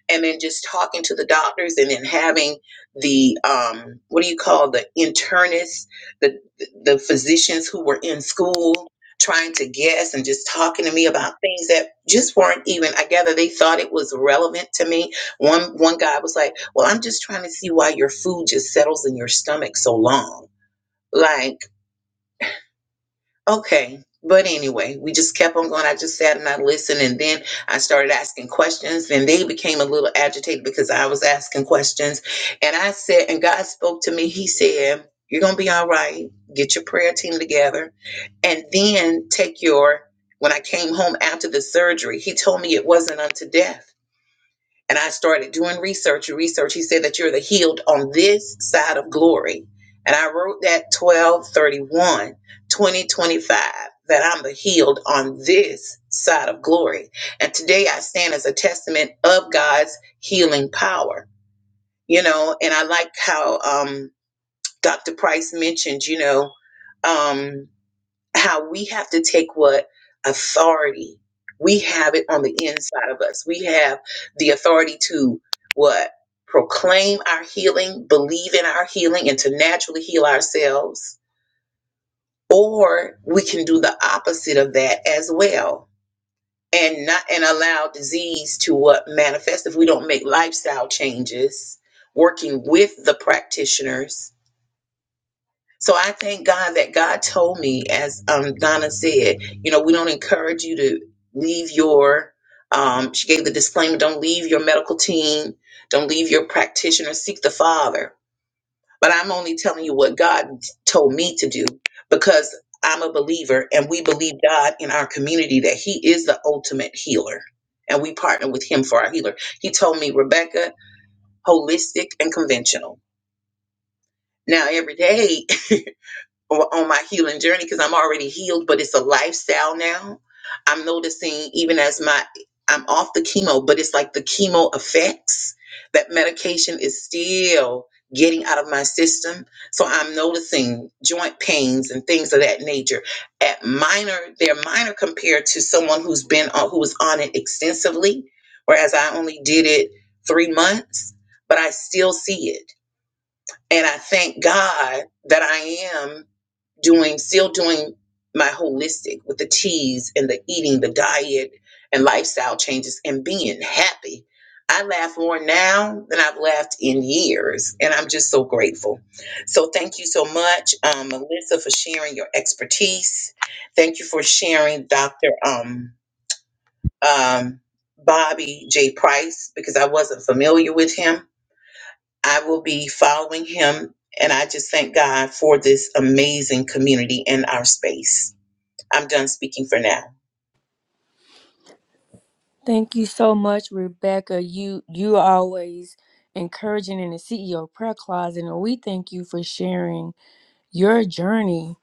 Speaker 5: and then just talking to the doctors and then having the um, what do you call the internists the the physicians who were in school trying to guess and just talking to me about things that just weren't even i gather they thought it was relevant to me one one guy was like well i'm just trying to see why your food just settles in your stomach so long like Okay. But anyway, we just kept on going. I just sat and I listened, and then I started asking questions. And they became a little agitated because I was asking questions. And I said, and God spoke to me. He said, You're going to be all right. Get your prayer team together. And then take your, when I came home after the surgery, he told me it wasn't unto death and I started doing research and research. He said that you're the healed on this side of glory. And I wrote that 1231, 2025. that I'm the healed on this side of glory. And today I stand as a testament of God's healing power. You know, and I like how um, Dr. Price mentioned, you know, um, how we have to take what authority we have it on the inside of us. We have the authority to what? Proclaim our healing, believe in our healing, and to naturally heal ourselves. Or we can do the opposite of that as well and not and allow disease to what manifest if we don't make lifestyle changes working with the practitioners So I thank God that God told me, as um, Donna said, you know, we don't encourage you to leave your. Um, she gave the disclaimer: don't leave your medical team, don't leave your practitioner, seek the Father. But I'm only telling you what God told me to do because I'm a believer, and we believe God in our community that He is the ultimate healer, and we partner with Him for our healer. He told me, Rebecca, holistic and conventional. Now every day or on my healing journey because I'm already healed, but it's a lifestyle now. I'm noticing even as my I'm off the chemo, but it's like the chemo effects that medication is still getting out of my system. So I'm noticing joint pains and things of that nature. At minor, they're minor compared to someone who's been on who was on it extensively, whereas I only did it three months, but I still see it. And I thank God that I am doing still doing my holistic with the teas and the eating the diet and lifestyle changes and being happy i laugh more now than i've laughed in years and i'm just so grateful so thank you so much um, melissa for sharing your expertise thank you for sharing dr um, um, bobby j price because i wasn't familiar with him I will be following him. And I just thank God for this amazing community in our space. I'm done speaking for now.
Speaker 1: Thank you so much, Rebecca. You you are always encouraging in the CEO prayer closet, and we thank you for sharing your journey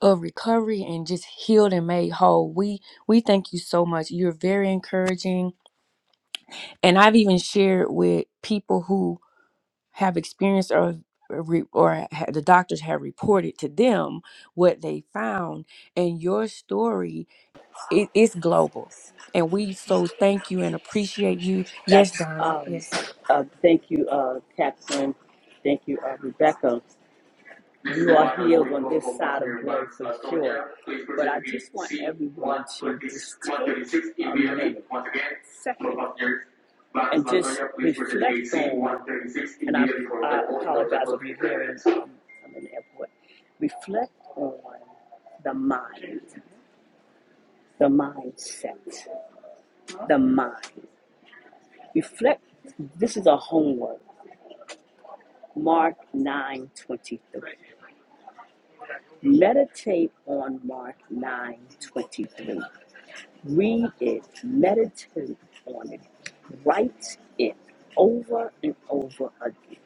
Speaker 1: of recovery and just healed and made whole. We we thank you so much. You're very encouraging, and I've even shared with people who have experienced or or re- or ha- the doctors have reported to them what they found and your story it, it's global and we so thank you and appreciate you yes
Speaker 4: That's
Speaker 1: Don
Speaker 4: um,
Speaker 1: yes
Speaker 4: uh, thank you, uh, Catherine. Thank you, uh, Rebecca. You are healed on this side of life for sure. But I just want everyone to just take a minute, second, and just reflect on, and I, I apologize if you're hearing, um, I'm in the airport. Reflect on the mind, the mindset, the mind. Reflect, this is a homework. Mark 9 23. Meditate on Mark 9 23. Read it, meditate on it, write it over and over again.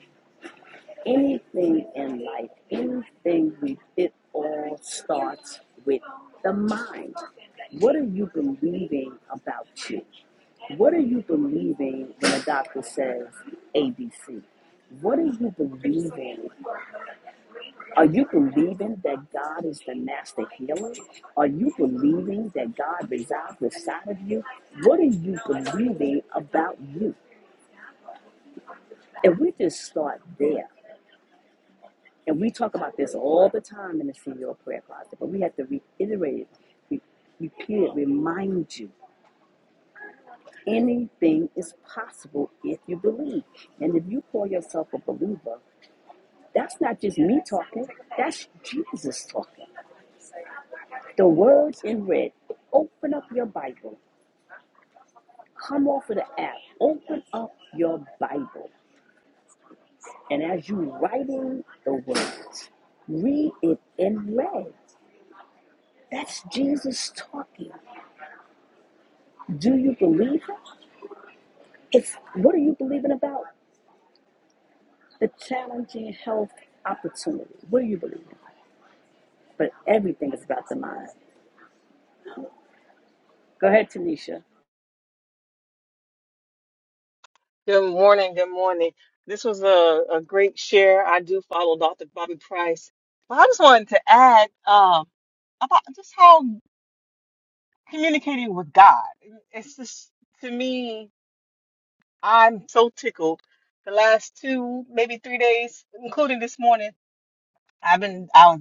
Speaker 4: Anything in life, anything we, it all starts with the mind. What are you believing about you? What are you believing when a doctor says ABC? What are you believing are you believing that God is the master healer? Are you believing that God resides inside of you? What are you believing about you? And we just start there. And we talk about this all the time in the CEO prayer closet, but we have to reiterate it, re- repeat it, remind you. Anything is possible if you believe. And if you call yourself a believer, that's not just me talking, that's Jesus talking. The words in red. Open up your Bible. Come off of the app. Open up your Bible. And as you writing the words, read it in red. That's Jesus talking. Do you believe it? It's what are you believing about? The challenging health opportunity. What do you believe? in? But everything is about the mind. Go ahead, Tanisha.
Speaker 6: Good morning. Good morning. This was a, a great share. I do follow Dr. Bobby Price. But I just wanted to add um, about just how communicating with God. It's just, to me, I'm so tickled. The last two, maybe three days, including this morning, I've been I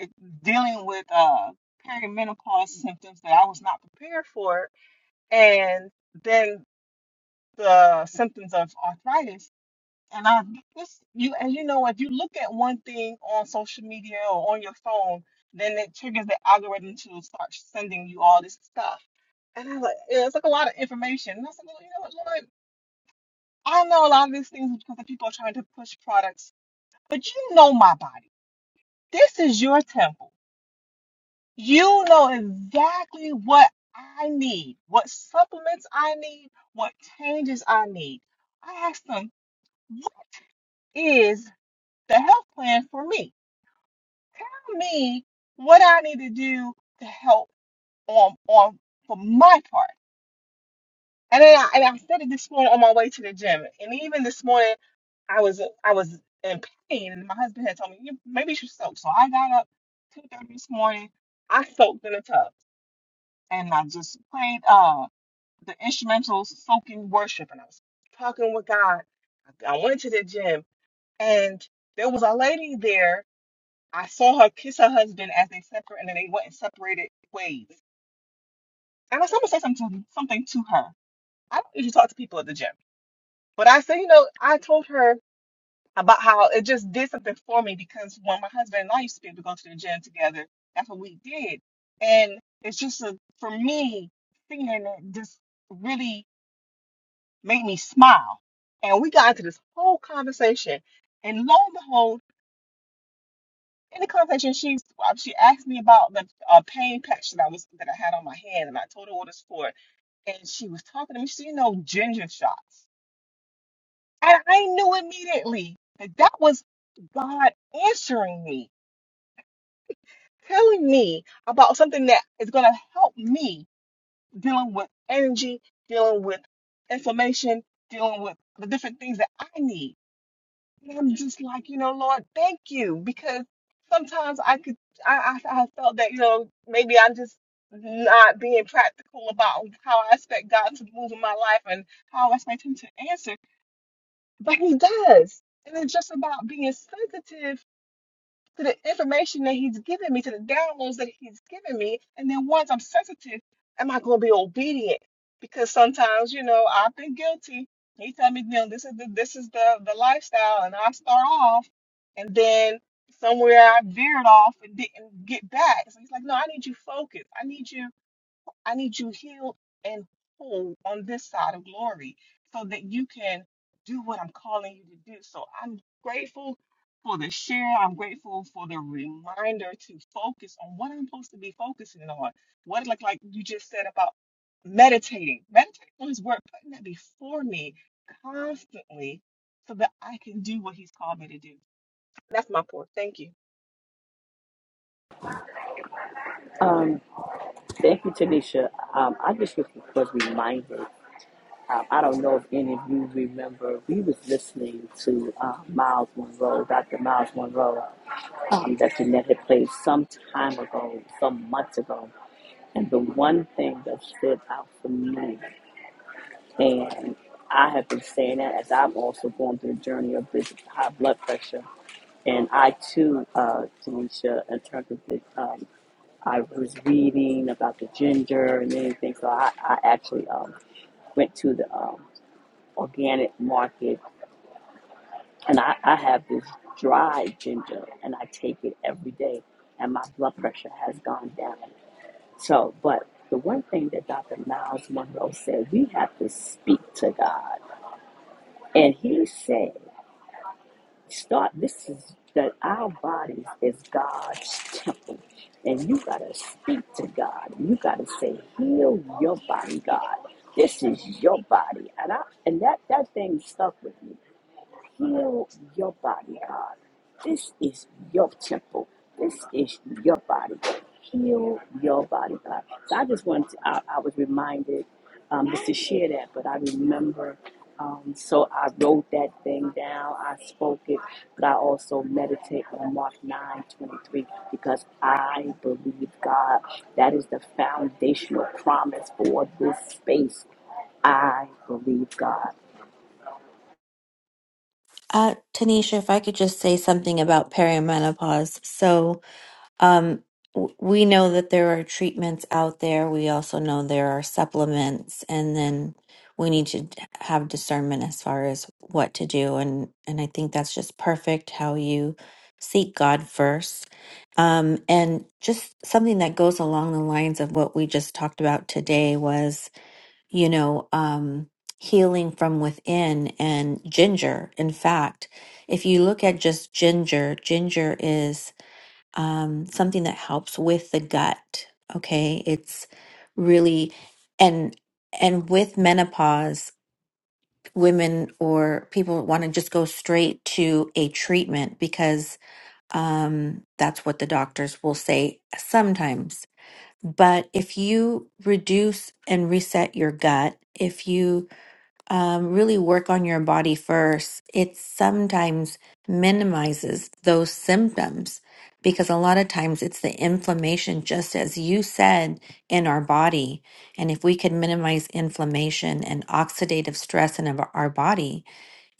Speaker 6: was dealing with uh, perimenopause symptoms that I was not prepared for. And then the symptoms of arthritis. And I this you and you know if you look at one thing on social media or on your phone, then it triggers the algorithm to start sending you all this stuff. And I was like, yeah, it's like a lot of information. And I said, well, you know what, Lord, I know a lot of these things is because the people are trying to push products, but you know my body. This is your temple. You know exactly what I need, what supplements I need, what changes I need. I asked them, what is the health plan for me? Tell me what I need to do to help on on for my part. And then I, and I said it this morning on my way to the gym, and even this morning I was I was in pain, and my husband had told me you maybe you should soak. So I got up two thirty this morning. I soaked in the tub, and I just played uh the instrumentals, soaking worship, and I was talking with God. I I went to the gym, and there was a lady there I saw her kiss her husband as they separate, and then they went and separated ways. And I someone said something to, something to her. I don't usually talk to people at the gym, but I said, you know, I told her about how it just did something for me because when my husband and I used to be able to go to the gym together, that's what we did. And it's just a, for me seeing it just really made me smile. And we got into this whole conversation, and lo and behold. in the conversation, she um, she asked me about the uh, pain patch that I was that I had on my hand, and I told her what it's for. And she was talking to me. She said, "You know, ginger shots," and I knew immediately that that was God answering me, telling me about something that is going to help me dealing with energy, dealing with information, dealing with the different things that I need. And I'm just like, you know, Lord, thank you. Because sometimes I could, I, I, I felt that, you know, maybe I'm just not being practical about how I expect God to move in my life and how I expect Him to answer. But He does. And it's just about being sensitive to the information that he's given me, to the downloads that he's given me. And then once I'm sensitive, am I going to be obedient? Because sometimes, you know, I've been guilty. He tell me, you know, this is the this is the the lifestyle, and I start off, and then somewhere I veered off and didn't get back. So he's like, no, I need you focused. I need you. I need you healed and whole on this side of glory so that you can do what I'm calling you to do. So I'm grateful for the share. I'm grateful for the reminder to focus on what I'm supposed to be focusing on. What like like you just said about meditating. Meditating on his word, putting that before me constantly so that I can do what he's called me to do. That's my pour. Thank you.
Speaker 4: Um, thank you, Tanisha. Um, I just was was reminded Um, I don't know if any of you remember, we was listening to uh, Miles Monroe, Dr. Miles Monroe, um, that Jeanette had played some time ago, some months ago. And the one thing that stood out for me, and I have been saying that as I've also gone through the journey of this high blood pressure, and I too, uh, Tanisha, in terms of the, um, I was reading about the ginger and anything, so I, I actually um, went to the um, organic market and I, I have this dried ginger and I take it every day and my blood pressure has gone down. So, but the one thing that Dr. Miles Monroe said, we have to speak to God. And he said, start, this is that our bodies is God's temple. And you got to speak to God. You got to say, heal your body, God. This is your body. And I, and that, that thing stuck with me Heal your body, God. This is your temple. This is your body. Heal your body, God. So I just wanted to, I, I was reminded um, just to share that, but I remember. Um, so I wrote that thing down. I spoke it, but I also meditate on Mark 9 23 because I believe God. That is the foundational promise for this space. I believe God.
Speaker 3: Uh, Tanisha, if I could just say something about perimenopause. So, Um, w- we know that there are treatments out there. We also know there are supplements, and then we need to d- have discernment as far as what to do. And and I think that's just perfect how you seek God first. Um, and just something that goes along the lines of what we just talked about today was, you know, um, healing from within and ginger. In fact, if you look at just ginger, ginger is um, something that helps with the gut. Okay, it's really and and with menopause, women or people want to just go straight to a treatment because um, that's what the doctors will say sometimes. But if you reduce and reset your gut, if you um, really work on your body first, it sometimes minimizes those symptoms because a lot of times it's the inflammation, just as you said, in our body. And if we could minimize inflammation and oxidative stress in our our body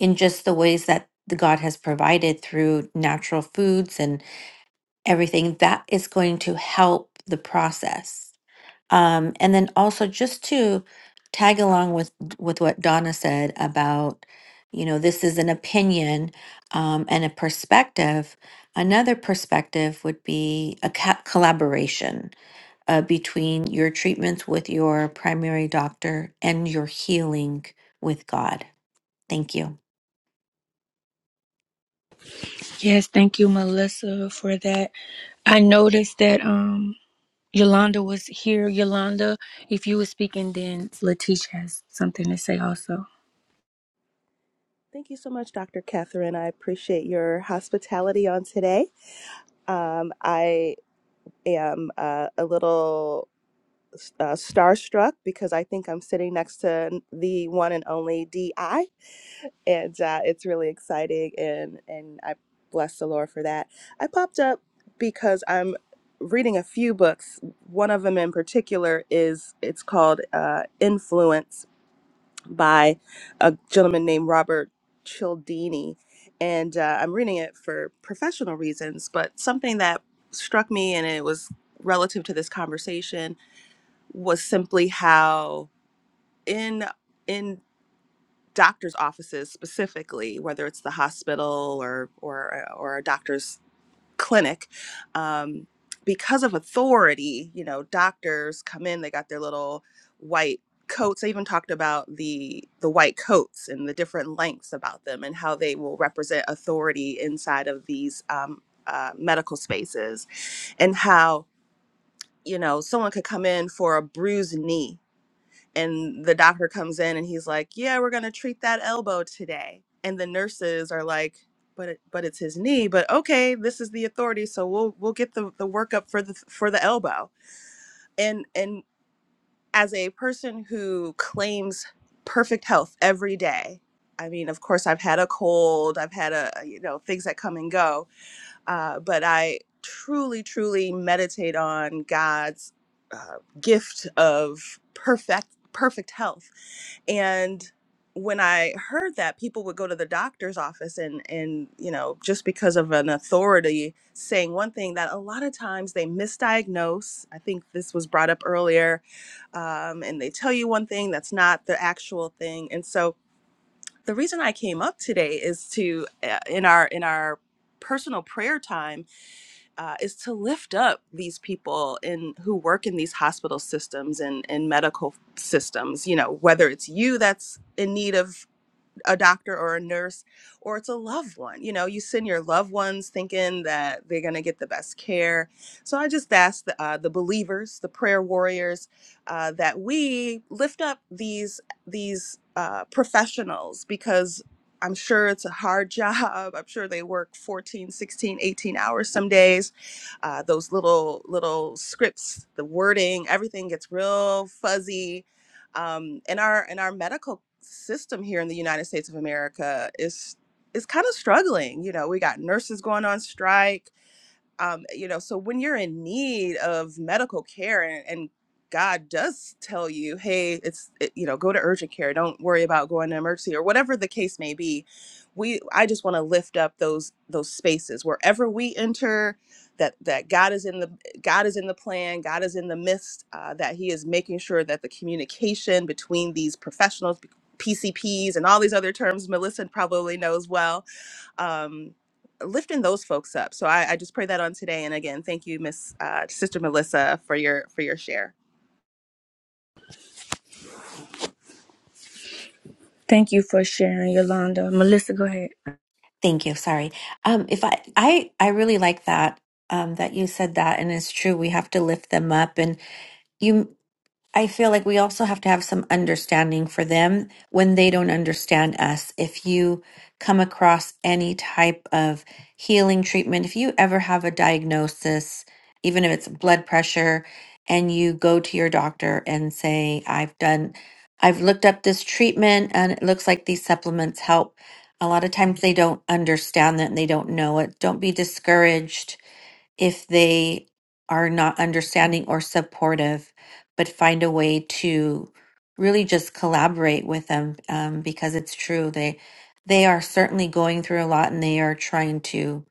Speaker 3: in just the ways that the God has provided through natural foods and everything, that is going to help the process. Um, and then also just to tag along with with what Donna said about, you know, this is an opinion um, and a perspective. Another perspective would be a ca- collaboration uh, between your treatments with your primary doctor and your healing with God. Thank you.
Speaker 1: Yes, thank you, Melissa, for that. I noticed that um Yolanda was here. Yolanda, if you were speaking, then Letitia has something to say also.
Speaker 7: Thank you so much, Dr. Catherine. I appreciate your hospitality on today. Um, I am uh, a little uh, starstruck because I think I'm sitting next to the one and only DI, and uh, it's really exciting. And and I bless the Lord for that. I popped up because I'm reading a few books. One of them in particular is it's called uh, Influence by a gentleman named Robert Cialdini. And uh, I'm reading it for professional reasons, but something that struck me and it was relative to this conversation was simply how in in doctors' offices specifically, whether it's the hospital or or or a doctor's clinic um, because of authority you know doctors come in they got their little white coats i even talked about the the white coats and the different lengths about them and how they will represent authority inside of these um, uh, medical spaces and how you know someone could come in for a bruised knee and the doctor comes in and he's like, "Yeah, we're going to treat that elbow today." And the nurses are like, "But it, but it's his knee, but okay, this is the authority, so we'll we'll get the the workup for the for the elbow." And and as a person who claims perfect health every day, I mean, of course I've had a cold, I've had a you know, things that come and go, uh, but I truly, truly meditate on God's uh, gift of perfect, perfect health. And when I heard that, people would go to the doctor's office, and and you know, just because of an authority saying one thing, that a lot of times they misdiagnose. I think this was brought up earlier, um, and they tell you one thing that's not the actual thing. And so, the reason I came up today is to, uh, in our in our personal prayer time uh, is to lift up these people in who work in these hospital systems and, and medical systems. You know, whether it's you that's in need of a doctor or a nurse or it's a loved one. You know, you send your loved ones thinking that they're going to get the best care. So I just ask the, uh, the believers, the prayer warriors, uh, that we lift up these these uh, professionals because I'm sure it's a hard job. I'm sure they work 14, 16, 18 hours some days. Uh, those little little scripts, the wording, everything gets real fuzzy um, and our and our medical system here in the United States of America is is kind of struggling. You know, we got nurses going on strike um, you know, so when you're in need of medical care and, and God does tell you, hey, it's it, you know, go to urgent care. Don't worry about going to emergency or whatever the case may be. We, I just want to lift up those those spaces wherever we enter. That that God is in the God is in the plan. God is in the midst. Uh, that He is making sure that the communication between these professionals, PCPs, and all these other terms Melissa probably knows well, um, lifting those folks up. So I, I just pray that on today. And again, thank you, Miss uh, Sister Melissa, for your for your share.
Speaker 1: Thank you for sharing, Yolanda. Melissa, go ahead.
Speaker 3: Thank you. Sorry. Um, if I, I, I really like that, um, that you said that, and it's true. We have to lift them up and you. I feel like we also have to have some understanding for them when they don't understand us. If you come across any type of healing treatment, if you ever have a diagnosis, even if it's blood pressure, and you go to your doctor and say, I've done, I've looked up this treatment and it looks like these supplements help. A lot of times they don't understand that and they don't know it. Don't be discouraged if they are not understanding or supportive, but find a way to really just collaborate with them um, because it's true they they are certainly going through a lot and they are trying to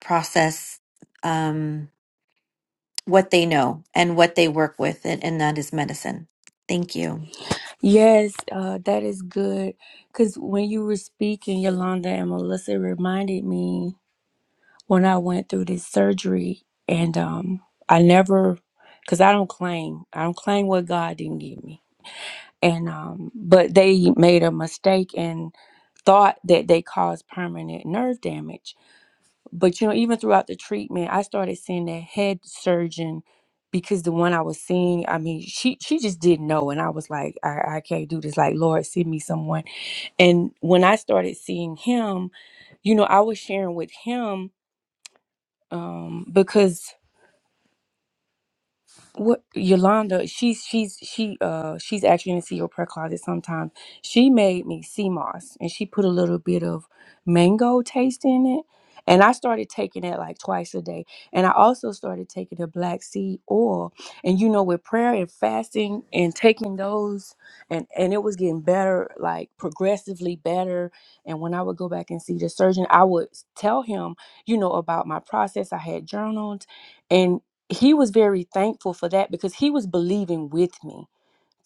Speaker 3: process um, what they know and what they work with and, and that is medicine. Thank you.
Speaker 1: Yes, uh, that is good. Because when you were speaking, Yolanda and Melissa it reminded me when I went through this surgery, and um, I never, because I don't claim, I don't claim what God didn't give me. And um, but they made a mistake and thought that they caused permanent nerve damage. But you know, even throughout the treatment, I started seeing that head surgeon because the one I was seeing, I mean, she she just didn't know, and I was like, I, I can't do this. Like, Lord, send me someone and when I started seeing him, you know, I was sharing with him um, because What Yolanda, she's she's she uh she's actually in the CEO prayer closet sometimes. She made me sea moss and she put a little bit of mango taste in it. And I started taking it like twice a day. And I also started taking the black seed oil. And you know, with prayer and fasting and taking those and and it was getting better, like progressively better. And when I would go back and see the surgeon, I would tell him, you know, about my process. I had journaled he was very thankful for that because he was believing with me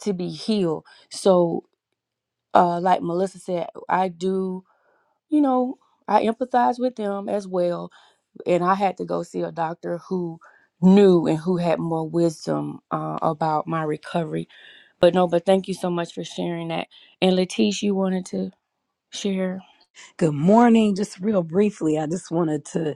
Speaker 1: to be healed. So, uh, like Melissa said, I do, you know, I empathize with them as well. And I had to go see a doctor who knew and who had more wisdom uh, about my recovery. But no, but thank you so much for sharing that. And Letice, you wanted to share?
Speaker 2: Good morning. Just real briefly, I just wanted to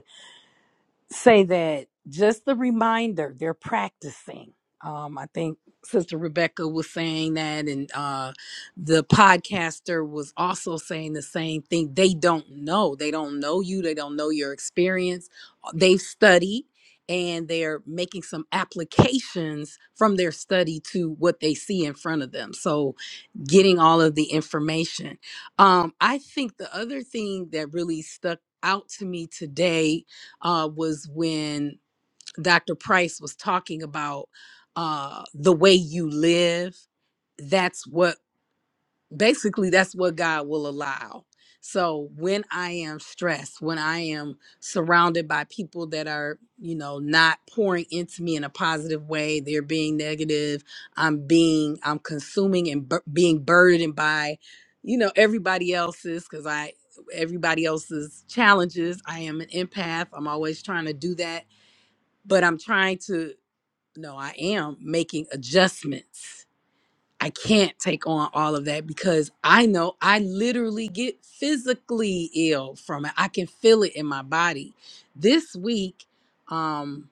Speaker 2: say that just the reminder they're practicing um i think sister rebecca was saying that and uh the podcaster was also saying the same thing they don't know they don't know you they don't know your experience Uh, they've studied and they're making some applications from their study to what they see in front of them so getting all of the information um i think the other thing that really stuck out to me today uh, was when Dr. Price was talking about uh, the way you live. That's what basically that's what God will allow. So when I am stressed, when I am surrounded by people that are, you know, not pouring into me in a positive way, they're being negative, I'm being I'm consuming and bur- being burdened by, you know, everybody else's cuz I everybody else's challenges. I am an empath. I'm always trying to do that, but I'm trying to no, I am making adjustments I can't take on all of that because I know I literally get physically ill from it. I can feel it in my body. This week, um,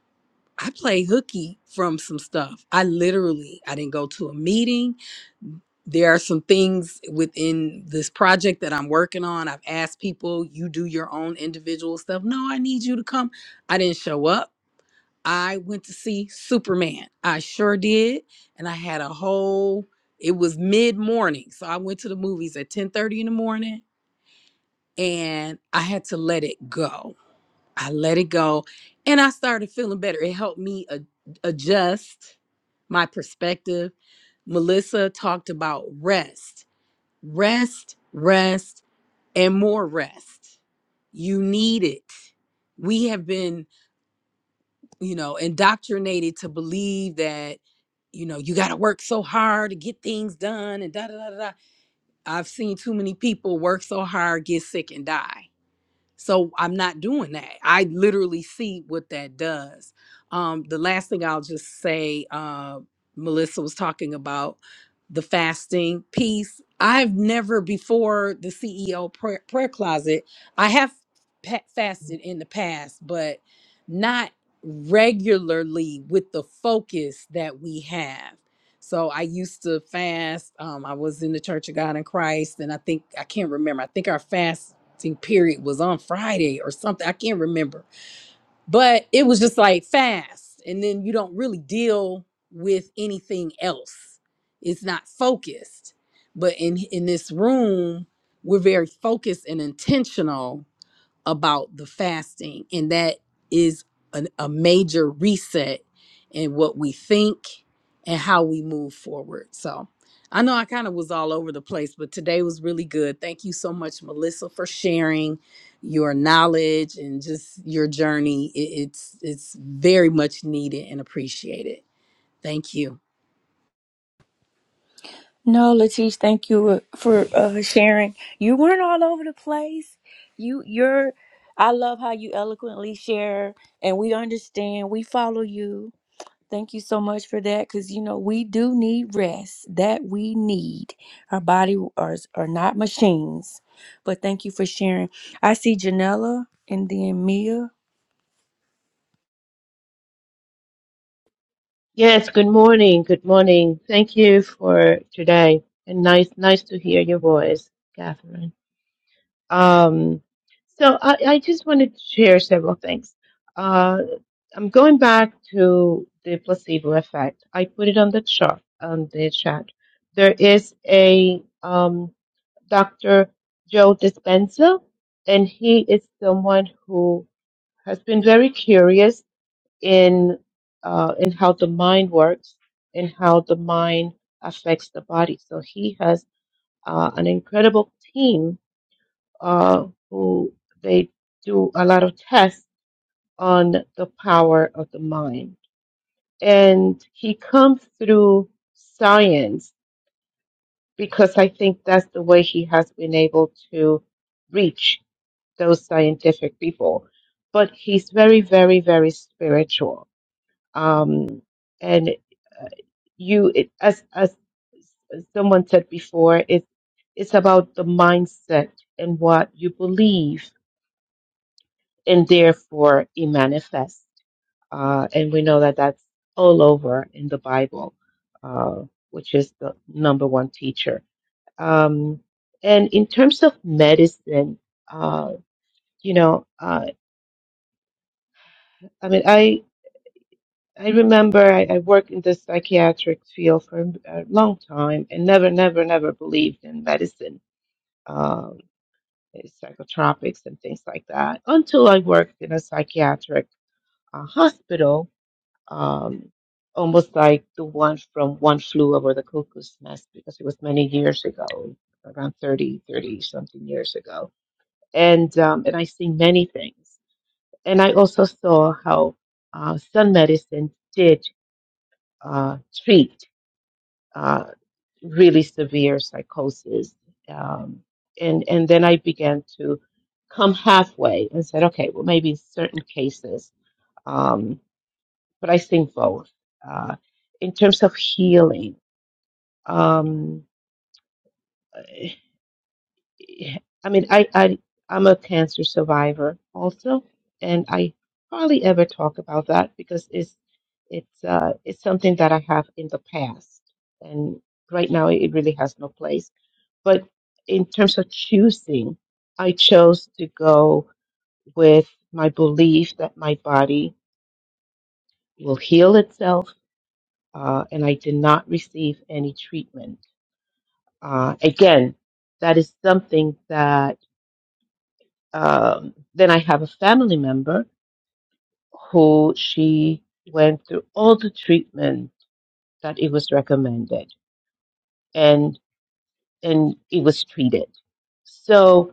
Speaker 2: I played hooky from some stuff. I literally, I didn't go to a meeting. There are some things within this project that I'm working on. I've asked people, you do your own individual stuff. No, I need you to come. I didn't show up. I went to see Superman. I sure did. And I had a whole it was mid-morning. So I went to the movies at 10:30 in the morning and I had to let it go. I let it go and I started feeling better. It helped me a- adjust my perspective. Melissa talked about rest. Rest, rest, and more rest. You need it. We have been you know, indoctrinated to believe that, you know, you got to work so hard to get things done and da da da da. da. I've seen too many people work so hard, get sick, and die. So I'm not doing that. I literally see what that does. Um, the last thing I'll just say, uh, Melissa was talking about the fasting piece. I've never before the CEO prayer, prayer closet. I have pa- fasted in the past, but not regularly with the focus that we have. So I used to fast. Um, I was in the Church of God in Christ, and I think I can't remember. I think our fast period was on Friday or something. I can't remember. But it was just like fast. And then you don't really deal with anything else. It's not focused. But in in this room, we're very focused and intentional about the fasting and that is an, a major reset in what we think and how we move forward so i know i kind of was all over the place but today was really good thank you so much melissa for sharing your knowledge and just your journey It- it's it's very much needed and appreciated thank you
Speaker 1: No, Latish, thank you uh, for uh, sharing. You weren't all over the place. You, you're. I love how you eloquently share, and we understand. We follow you. Thank you so much for that, because you know we do need rest. That we need. Our body are are not machines. But thank you for sharing. I see Janella and then Mia.
Speaker 8: Yes, good morning. Good morning. Thank you for today. And nice nice to hear your voice, Catherine. Um, so I, I just wanted to share several things. Uh, I'm going back to the placebo effect. I put it on the chart on the chat. There is a um, Dr. Joe Dispenza, and he is someone who has been very curious in uh, in how the mind works and how the mind affects the body. So he has uh, an incredible team uh, who they do a lot of tests on the power of the mind, and he comes through science because I think that's the way he has been able to reach those scientific people. But he's very, very, very spiritual Um, and uh, you, it, as as someone said before, it's it's about the mindset and what you believe, and therefore it manifests. Uh, and we know that that's all over in the Bible, uh, which is the number one teacher. Um, and in terms of medicine, uh, you know, uh, I mean, I. I remember I, I worked in the psychiatric field for a long time and never, never, never believed in medicine, um, eh, psychotropics and things like that until I worked in a psychiatric uh, hospital, um, almost like the one from One Flew Over the Cuckoo's Nest because it was many years ago, around 30, 30 something years ago. And, um, and I seen many things. And I also saw how uh, sun medicine did uh, treat uh, really severe psychosis. Um, and, and then I began to come halfway and said, okay, well, maybe in certain cases, um, but I think both. Uh, in terms of healing, um, I mean, I, I, I'm a cancer survivor also, and I hardly ever talk about that because it's, it's, uh, it's something that I have in the past. And right now, it really has no place But in terms of choosing, I chose to go with my belief that my body will heal itself, uh, and I did not receive any treatment. Uh, again, that is something that um, then I have a family member who she went through all the treatment that it was recommended, and and it was treated. So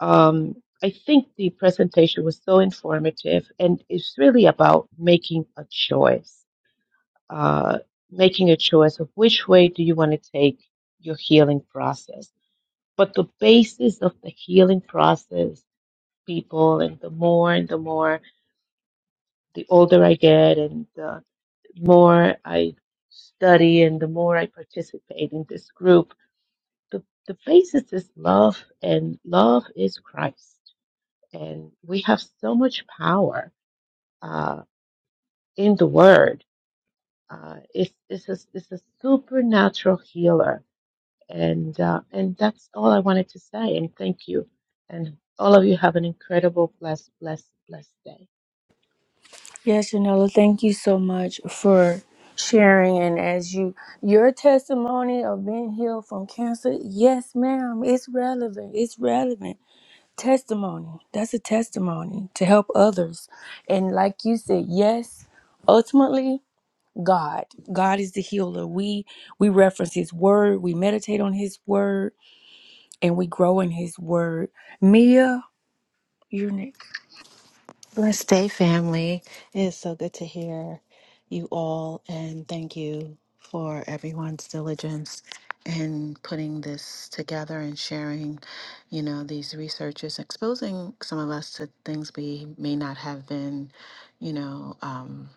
Speaker 8: Um, I think the presentation was so informative, and it's really about making a choice, uh, making a choice of which way do you want to take your healing process. But the basis of the healing process, people, and the more and the more, the older I get, and the more I study, and the more I participate in this group, the, the basis is love, and love is Christ and we have so much power uh, in the word. Uh, it's, it's, a, it's a supernatural healer, and uh, and that's all I wanted to say. And thank you, and all of you have an incredible, blessed, blessed, blessed day.
Speaker 1: Yes, Janella, thank you so much for sharing. And as you, your testimony of being healed from cancer, yes, ma'am, it's relevant. It's relevant. Testimony. That's a testimony to help others. And like you said, yes, ultimately, God. God is the healer. We we reference his word, we meditate on his word, and we grow in his word. Mia, you're next.
Speaker 9: Blessed day, family. It is so good to hear you all, and thank you for everyone's diligence in putting this together and sharing, you know, these researches, exposing some of us to things we may not have been, you know, um,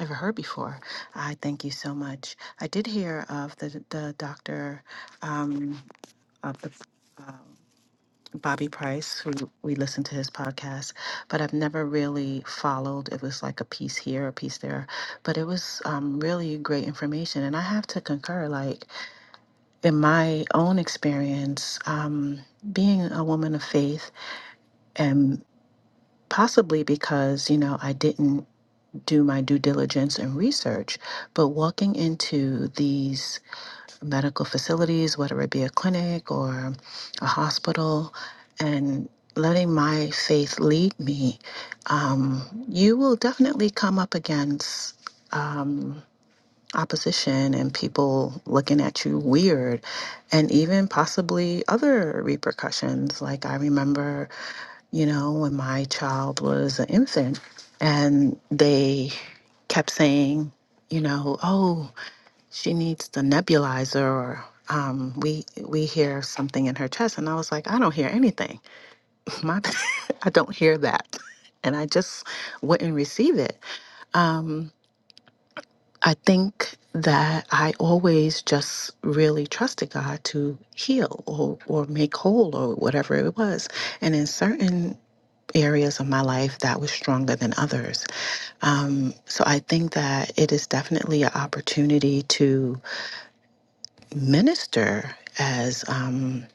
Speaker 9: ever heard before. I thank you so much. I did hear of the the doctor um, of the Bobby Price, who we listened to his podcast, but I've never really followed. It was like a piece here, a piece there, but it was um, really great information. And I have to concur, like in my own experience, um, being a woman of faith, and possibly because, you know, I didn't do my due diligence and research, but walking into these medical facilities, whether it be a clinic or a hospital, and letting my faith lead me, um, you will definitely come up against um, opposition and people looking at you weird, and even possibly other repercussions. Like I remember, you know, when my child was an infant, and they kept saying, you know, oh, she needs the nebulizer or um, we we hear something in her chest and i was like i don't hear anything my i don't hear that and i just wouldn't receive it um, i think that i always just really trusted god to heal or, or make whole or whatever it was and in certain areas of my life that was stronger than others um, so i think that it is definitely an opportunity to minister as um,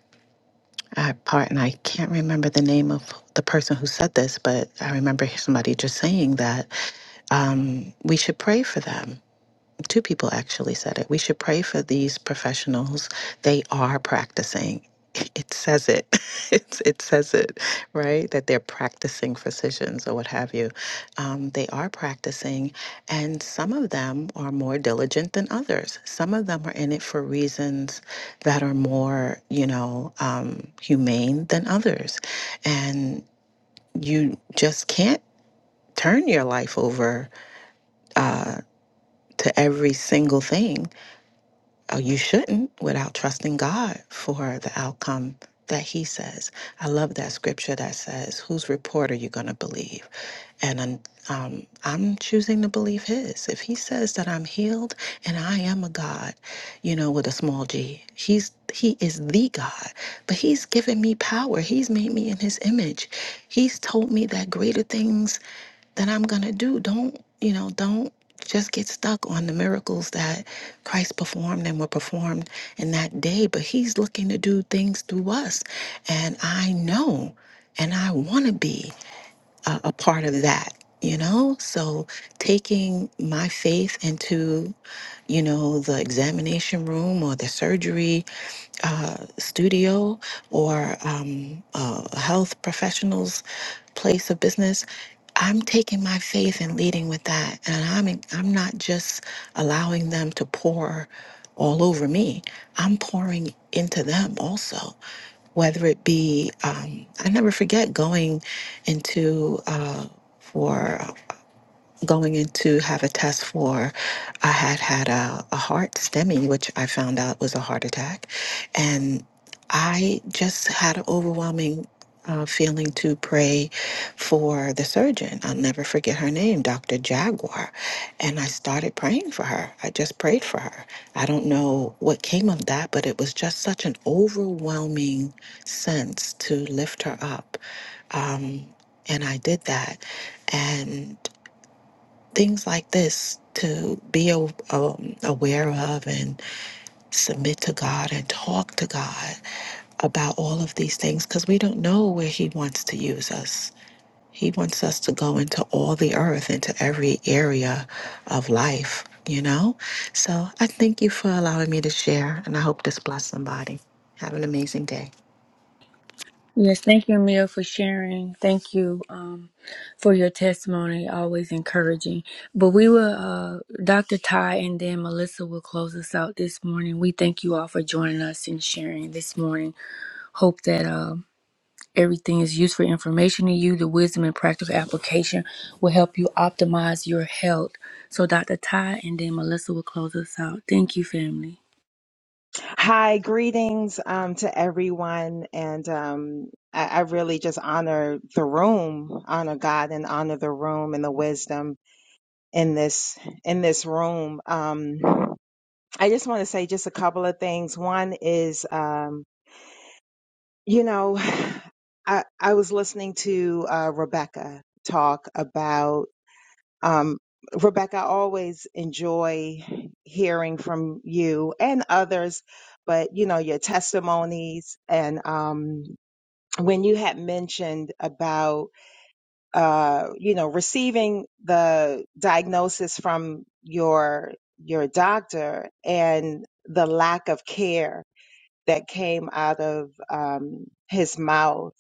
Speaker 9: a part, and I can't remember the name of the person who said this, but I remember somebody just saying that um, we should pray for them two people actually said it. We should pray for these professionals. They are practicing. It says it. It's it says it, right? That they're practicing physicians or what have you. Um, they are practicing, and some of them are more diligent than others. Some of them are in it for reasons that are more, you know, um, humane than others, and you just can't turn your life over uh, to every single thing Oh, you shouldn't without trusting God for the outcome that He says. I love that scripture that says, Whose report are you going to believe? And um, um, I'm choosing to believe His. If He says that I'm healed and I am a God, you know, with a small g, He's He is the God. But he's given me power. He's made me in his image. He's told me that greater things that I'm going to do. Don't, you know, don't just get stuck on the miracles that Christ performed and were performed in that day. But he's looking to do things through us. And I know and I want to be a, a part of that. You know, so taking my faith into, you know, the examination room or the surgery uh, studio or um, a health professional's place of business. I'm taking my faith and leading with that, and I'm I'm not just allowing them to pour all over me. I'm pouring into them also, whether it be um, I never forget going into. Uh, for going in to have a test for, I had had a, a heart STEMI, which I found out was a heart attack. And I just had an overwhelming uh, feeling to pray for the surgeon. I'll never forget her name, Dr. Jaguar. And I started praying for her. I just prayed for her. I don't know what came of that, but it was just such an overwhelming sense to lift her up. Um, and I did that. And things like this to be a- um, aware of and submit to God and talk to God about all of these things because we don't know where He wants to use us. He wants us to go into all the earth, into every area of life, you know? So I thank you for allowing me to share, and I hope this blessed somebody. Have an amazing day.
Speaker 1: Yes, thank you, Amir, for sharing. Thank you um, for your testimony, always encouraging. But we will, uh, Dr. Ty and then Melissa will close us out this morning. We thank you all for joining us and sharing this morning. Hope that um everything is useful information to you. The wisdom and practical application will help you optimize your health. So, Dr. Ty and then Melissa will close us out. Thank you, family.
Speaker 10: Hi, greetings um, to everyone. And um, I, I really just honor the room, honor God and honor the room and the wisdom in this in this room. Um, I just want to say just a couple of things. One is, um, you know, I, I was listening to uh, Rebecca talk about um, Rebecca, I always enjoy hearing from you and others, but you know, your testimonies and um, when you had mentioned about, uh, you know, receiving the diagnosis from your, your doctor and the lack of care that came out of um, his mouth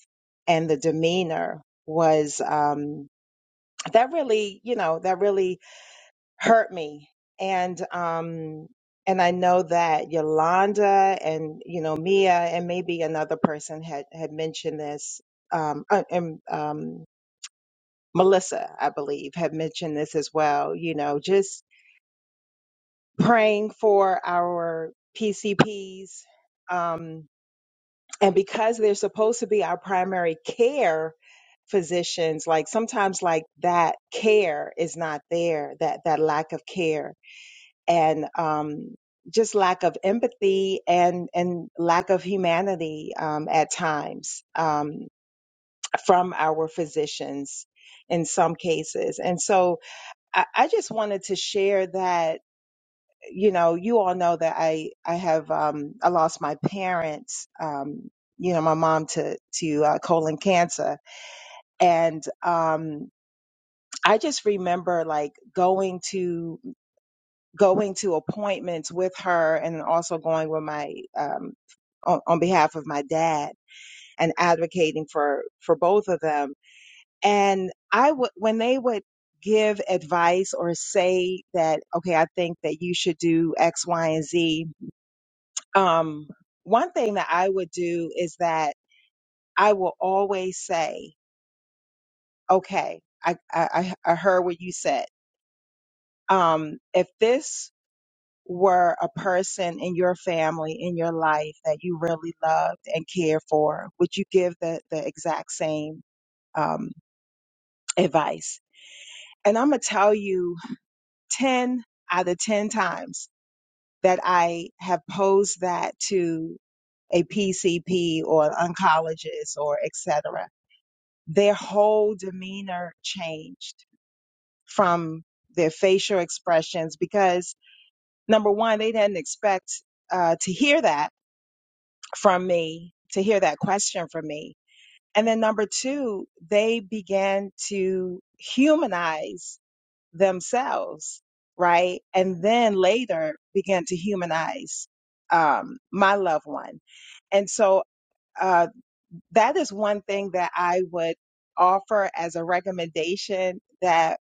Speaker 10: and the demeanor was um, that really, you know, that really hurt me and um and i know that yolanda and you know mia and maybe another person had had mentioned this um uh, and um melissa i believe had mentioned this as well you know just praying for our pcps um and because they're supposed to be our primary care physicians like sometimes like that care is not there that that lack of care and um, just lack of empathy and and lack of humanity um, at times um, from our physicians in some cases. And so I, I just wanted to share that you know you all know that I I have um, I lost my parents. Um, you know, my mom to to uh, colon cancer, and um, I just remember like going to going to appointments with her and also going with my um on, on behalf of my dad and advocating for for both of them and i would when they would give advice or say that okay i think that you should do x y and z um one thing that i would do is that i will always say okay i i i I heard what you said um if this were a person in your family, in your life that you really loved and cared for, would you give the, the exact same um, advice? And I'm going to tell you 10 out of 10 times that I have posed that to a PCP or an oncologist or et cetera, their whole demeanor changed from their facial expressions because number one, they didn't expect uh, to hear that from me to hear that question from me. And then number two, they began to humanize themselves, right? And then later began to humanize um, my loved one. And so uh, that is one thing that I would offer as a recommendation that,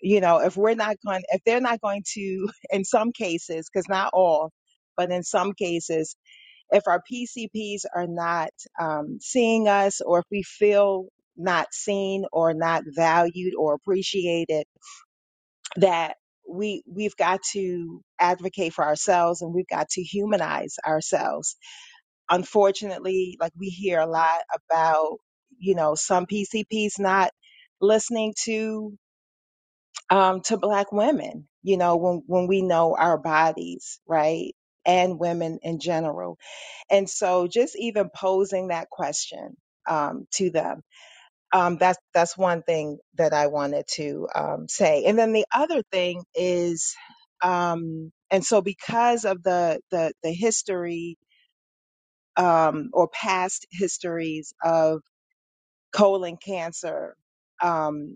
Speaker 10: you know, if we're not going, if they're not going to, in some cases, because not all, but in some cases, if our PCPs are not um, seeing us or if we feel not seen or not valued or appreciated, that we we've got to advocate for ourselves and we've got to humanize ourselves. Unfortunately, like we hear a lot about, you know, some PCPs not listening to um, to black women, you know, when when we know our bodies, right? And women in general and so just even posing that question um, to them, um, that's, that's one thing that I wanted to um, say. And then the other thing is, um, and so because of the, the, the history um, or past histories of colon cancer, um,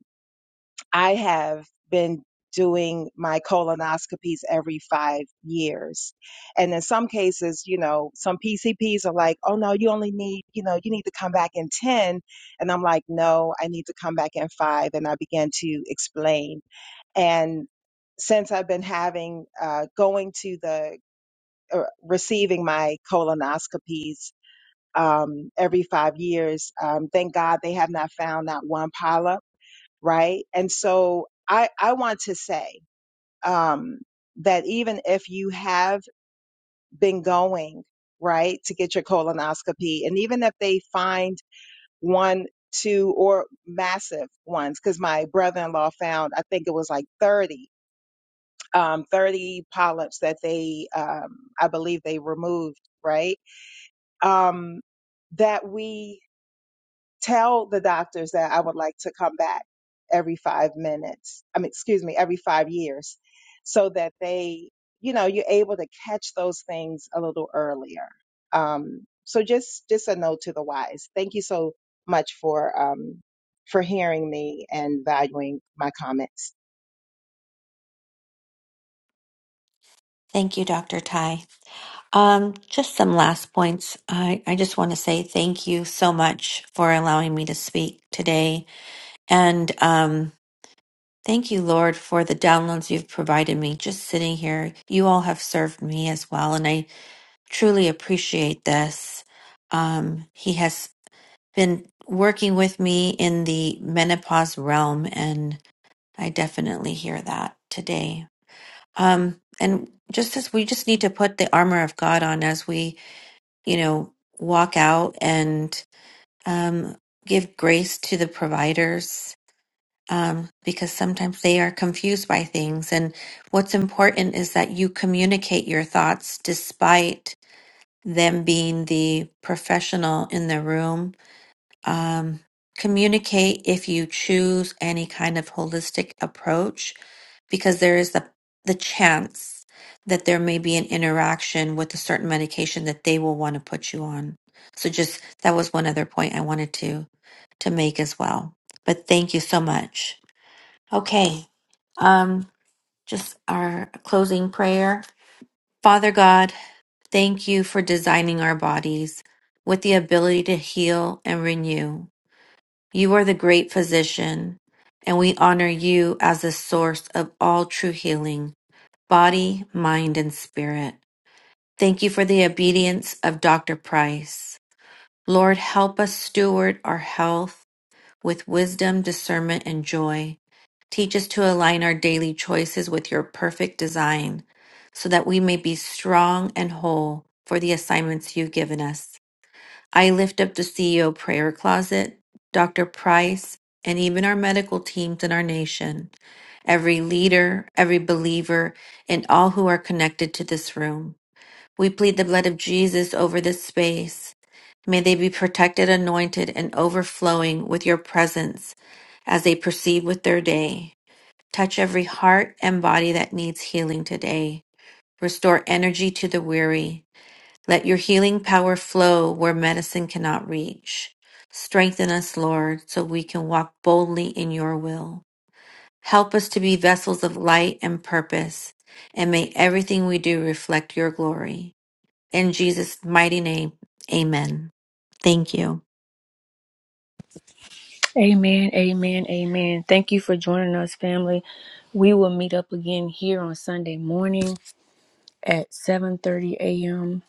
Speaker 10: I have been doing my colonoscopies every five years. And in some cases, you know, some PCPs are like, oh no, you only need, you know, you need to come back in 10. And I'm like, no, I need to come back in five. And I began to explain. And since I've been having, uh, going to the, uh, receiving my colonoscopies, um, every five years, um, thank God they have not found that one polyp right? And so I, I want to say um, that even if you have been going, right, to get your colonoscopy, and even if they find one, two, or massive ones, because my brother in law found, I think it was like 30, um, 30 polyps that they, um, I believe they removed, right? Um, that we tell the doctors that I would like to come back every five minutes. I mean, excuse me, every five years so that they, you know, you're able to catch those things a little earlier. Um, so just, just a note to the wise. Thank you so much for, um, for hearing me and valuing my comments.
Speaker 3: Thank you, Dr. Ty. Um, just some last points. I, I just want to say thank you so much for allowing me to speak today. And um, Thank you, Lord, for the downloads you've provided me just sitting here. You all have served me as well, and I truly appreciate this. Um, he has been working with me in the menopause realm, and I definitely hear that today. Um, and just as we just need to put the armor of God on as we, you know, walk out and um, give grace to the providers um, because sometimes they are confused by things. And what's important is that you communicate your thoughts despite them being the professional in the room. Um, communicate if you choose any kind of holistic approach, because there is the, the chance that there may be an interaction with a certain medication that they will want to put you on. So just that was one other point I wanted to to make as well. But thank you so much. Okay. Um, just our closing prayer. Father God, thank you for designing our bodies with the ability to heal and renew. You are the great physician, and we honor you as the source of all true healing, body, mind, and spirit. Thank you for the obedience of Dr. Price. Lord, help us steward our health with wisdom, discernment, and joy. Teach us to align our daily choices with your perfect design so that we may be strong and whole for the assignments you've given us. I lift up the CEO prayer closet, Dr. Price, and even our medical teams in our nation, every leader, every believer, and all who are connected to this room. We plead the blood of Jesus over this space May they be protected, anointed, and overflowing with your presence as they proceed with their day. Touch every heart and body that needs healing today. Restore energy to the weary. Let your healing power flow where medicine cannot reach. Strengthen us, Lord, so we can walk boldly in your will. Help us to be vessels of light and purpose, and may everything we do reflect your glory. In Jesus' mighty name, amen. Thank you.
Speaker 1: Amen, amen, amen. Thank you for joining us, family. We will meet up again here on Sunday morning at 7:30 a.m.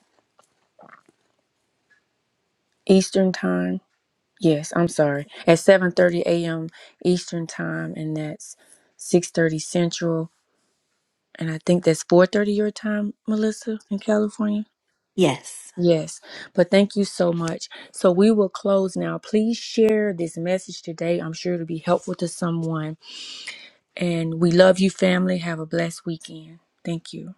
Speaker 1: Eastern Time. Yes, I'm sorry. At 7:30 a.m. Eastern Time and that's 6:30 Central and I think that's 4:30 your time, Melissa, in California.
Speaker 3: Yes.
Speaker 1: Yes. But thank you so much. So we will close now. Please share this message today. I'm sure it'll be helpful to someone And we love you, family. Have a blessed weekend. Thank you.